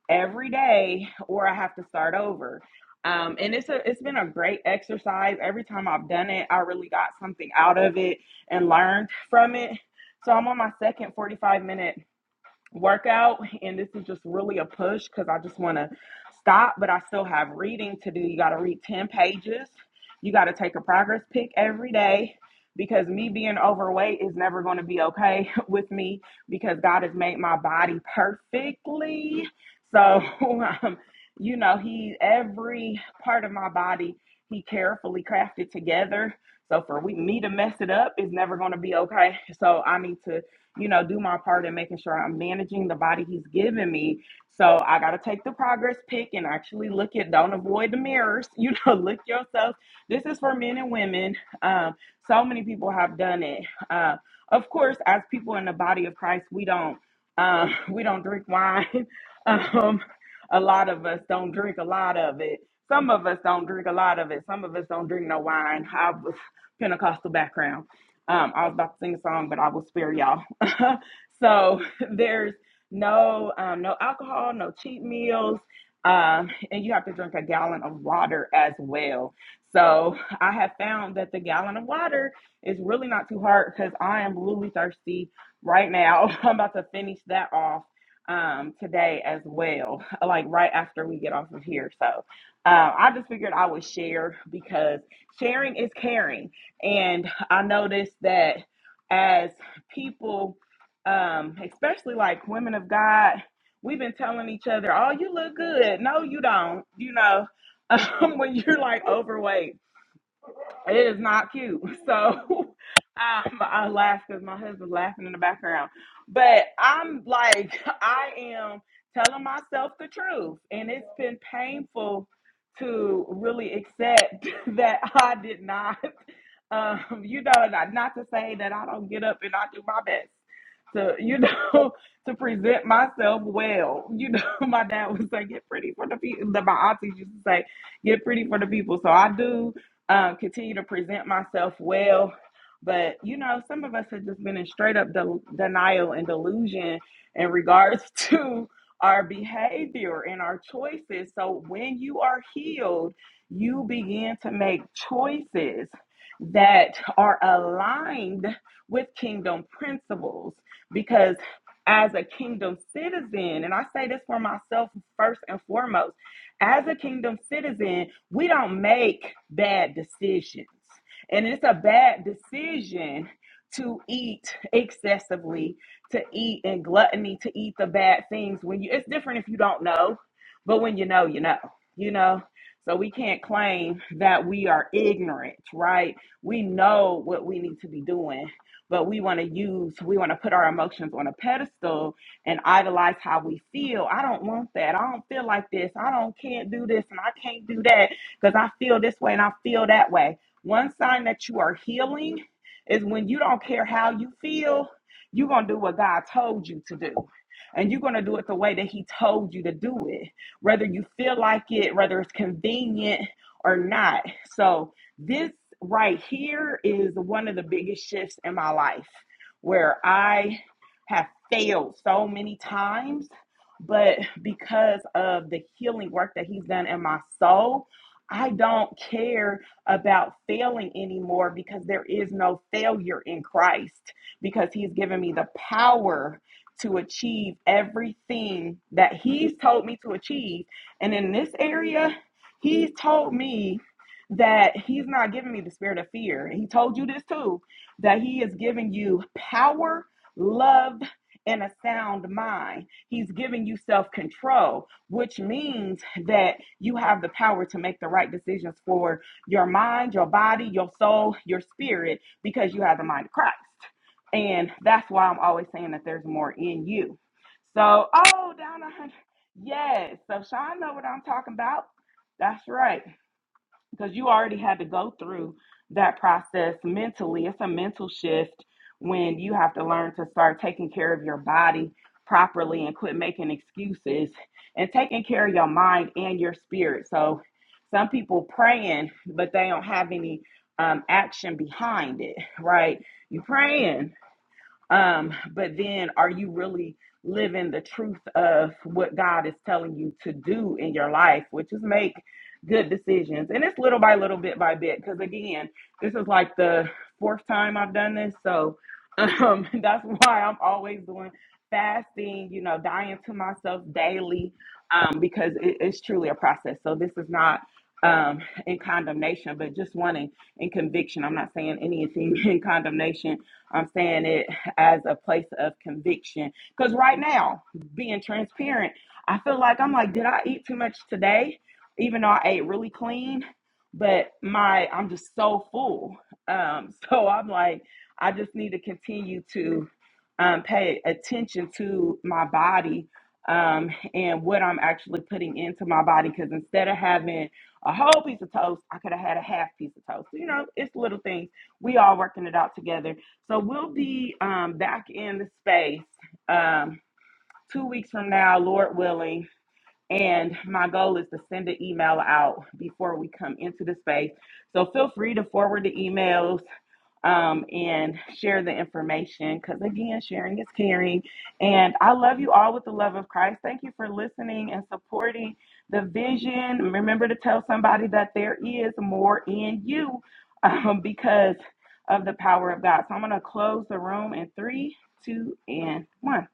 S1: every day or I have to start over. Um, and it's a it's been a great exercise. Every time I've done it, I really got something out of it and learned from it. So I'm on my second 45 minute workout and this is just really a push because i just want to stop but i still have reading to do you got to read 10 pages you got to take a progress pic every day because me being overweight is never going to be okay <laughs> with me because god has made my body perfectly so <laughs> um, you know he every part of my body he carefully crafted together so for we, me to mess it up is never going to be okay so i need to you know, do my part in making sure I'm managing the body he's given me. So I got to take the progress pick and actually look at, don't avoid the mirrors, <laughs> you know, look yourself. This is for men and women. Um, so many people have done it. Uh, of course, as people in the body of Christ, we don't, um, <laughs> we don't drink wine. <laughs> um, a lot of us don't drink a lot of it. Some of us don't drink a lot of it. Some of us don't drink no wine. I was Pentecostal background. Um, I was about to sing a song, but I will spare y'all. <laughs> so there's no um, no alcohol, no cheat meals, um, and you have to drink a gallon of water as well. So I have found that the gallon of water is really not too hard because I am really thirsty right now. <laughs> I'm about to finish that off um, today as well, <laughs> like right after we get off of here. So uh, I just figured I would share because sharing is caring, and I noticed that as people um, especially like women of God, we've been telling each other, "Oh, you look good." No, you don't. You know, <laughs> um, when you're like overweight. It is not cute. So <laughs> um, I laugh because my husband's laughing in the background. But I'm like, I am telling myself the truth. And it's been painful to really accept <laughs> that I did not, um, you know, not, not to say that I don't get up and I do my best to, you know, <laughs> to present myself well. You know, <laughs> my dad would say, get pretty for the people. My aunties used to say, get pretty for the people. So I do um, continue to present myself well. But you know, some of us have just been in straight up del- denial and delusion in regards <laughs> to our behavior and our choices. So when you are healed, you begin to make choices that are aligned with kingdom principles because as a kingdom citizen and i say this for myself first and foremost as a kingdom citizen, we don't make bad decisions. And it's a bad decision to eat excessively, to eat in gluttony, to eat the bad things when you it's different if you don't know, but when you know, you know, you know. So we can't claim that we are ignorant, right? We know what we need to be doing, but we want to use, we want to put our emotions on a pedestal and idolize how we feel. I don't want that. I don't feel like this. I don't can't do this and I can't do that because I feel this way and I feel that way. One sign that you are healing is when you don't care how you feel, you're going to do what God told you to do. And you're going to do it the way that He told you to do it, whether you feel like it, whether it's convenient or not. So, this right here is one of the biggest shifts in my life where I have failed so many times, but because of the healing work that He's done in my soul, I don't care about failing anymore because there is no failure in Christ because He's given me the power to achieve everything that He's told me to achieve. And in this area, He's told me that He's not giving me the spirit of fear. He told you this too that He is giving you power love, and a sound mind. He's giving you self control, which means that you have the power to make the right decisions for your mind, your body, your soul, your spirit, because you have the mind of Christ. And that's why I'm always saying that there's more in you. So, oh, down a hundred. Yes. So Sean know what I'm talking about. That's right because you already had to go through that process mentally. It's a mental shift when you have to learn to start taking care of your body properly and quit making excuses and taking care of your mind and your spirit. So some people praying, but they don't have any um, action behind it, right? You praying, um, but then are you really living the truth of what God is telling you to do in your life, which is make good decisions? And it's little by little, bit by bit, because again, this is like the fourth time I've done this. So um, <laughs> that's why I'm always doing fasting, you know, dying to myself daily, um, because it, it's truly a process. So this is not um in condemnation but just wanting in conviction i'm not saying anything <laughs> in condemnation I'm saying it as a place of conviction. Because right now, being transparent, I feel like I'm like, did I eat too much today? Even though I ate really clean, but my I'm just so full. Um, <laughs> so I'm like, I just need to continue to um, pay attention to my body um, and what I'm actually putting into my body. Because instead of having a whole piece of toast, I could have had a half piece of toast. You know, it's little things. We all working it out together so we'll be um, back in the space um, two weeks from now, Lord willing. And my goal is to send an email out before we come into the space. So feel free to forward the emails um, and share the information because, again, sharing is caring. And I love you all with the love of Christ. Thank you for listening and supporting the vision. Remember to tell somebody that there is more in you <laughs> um, because of the power of God. So I'm going to close the room in three, two, and one.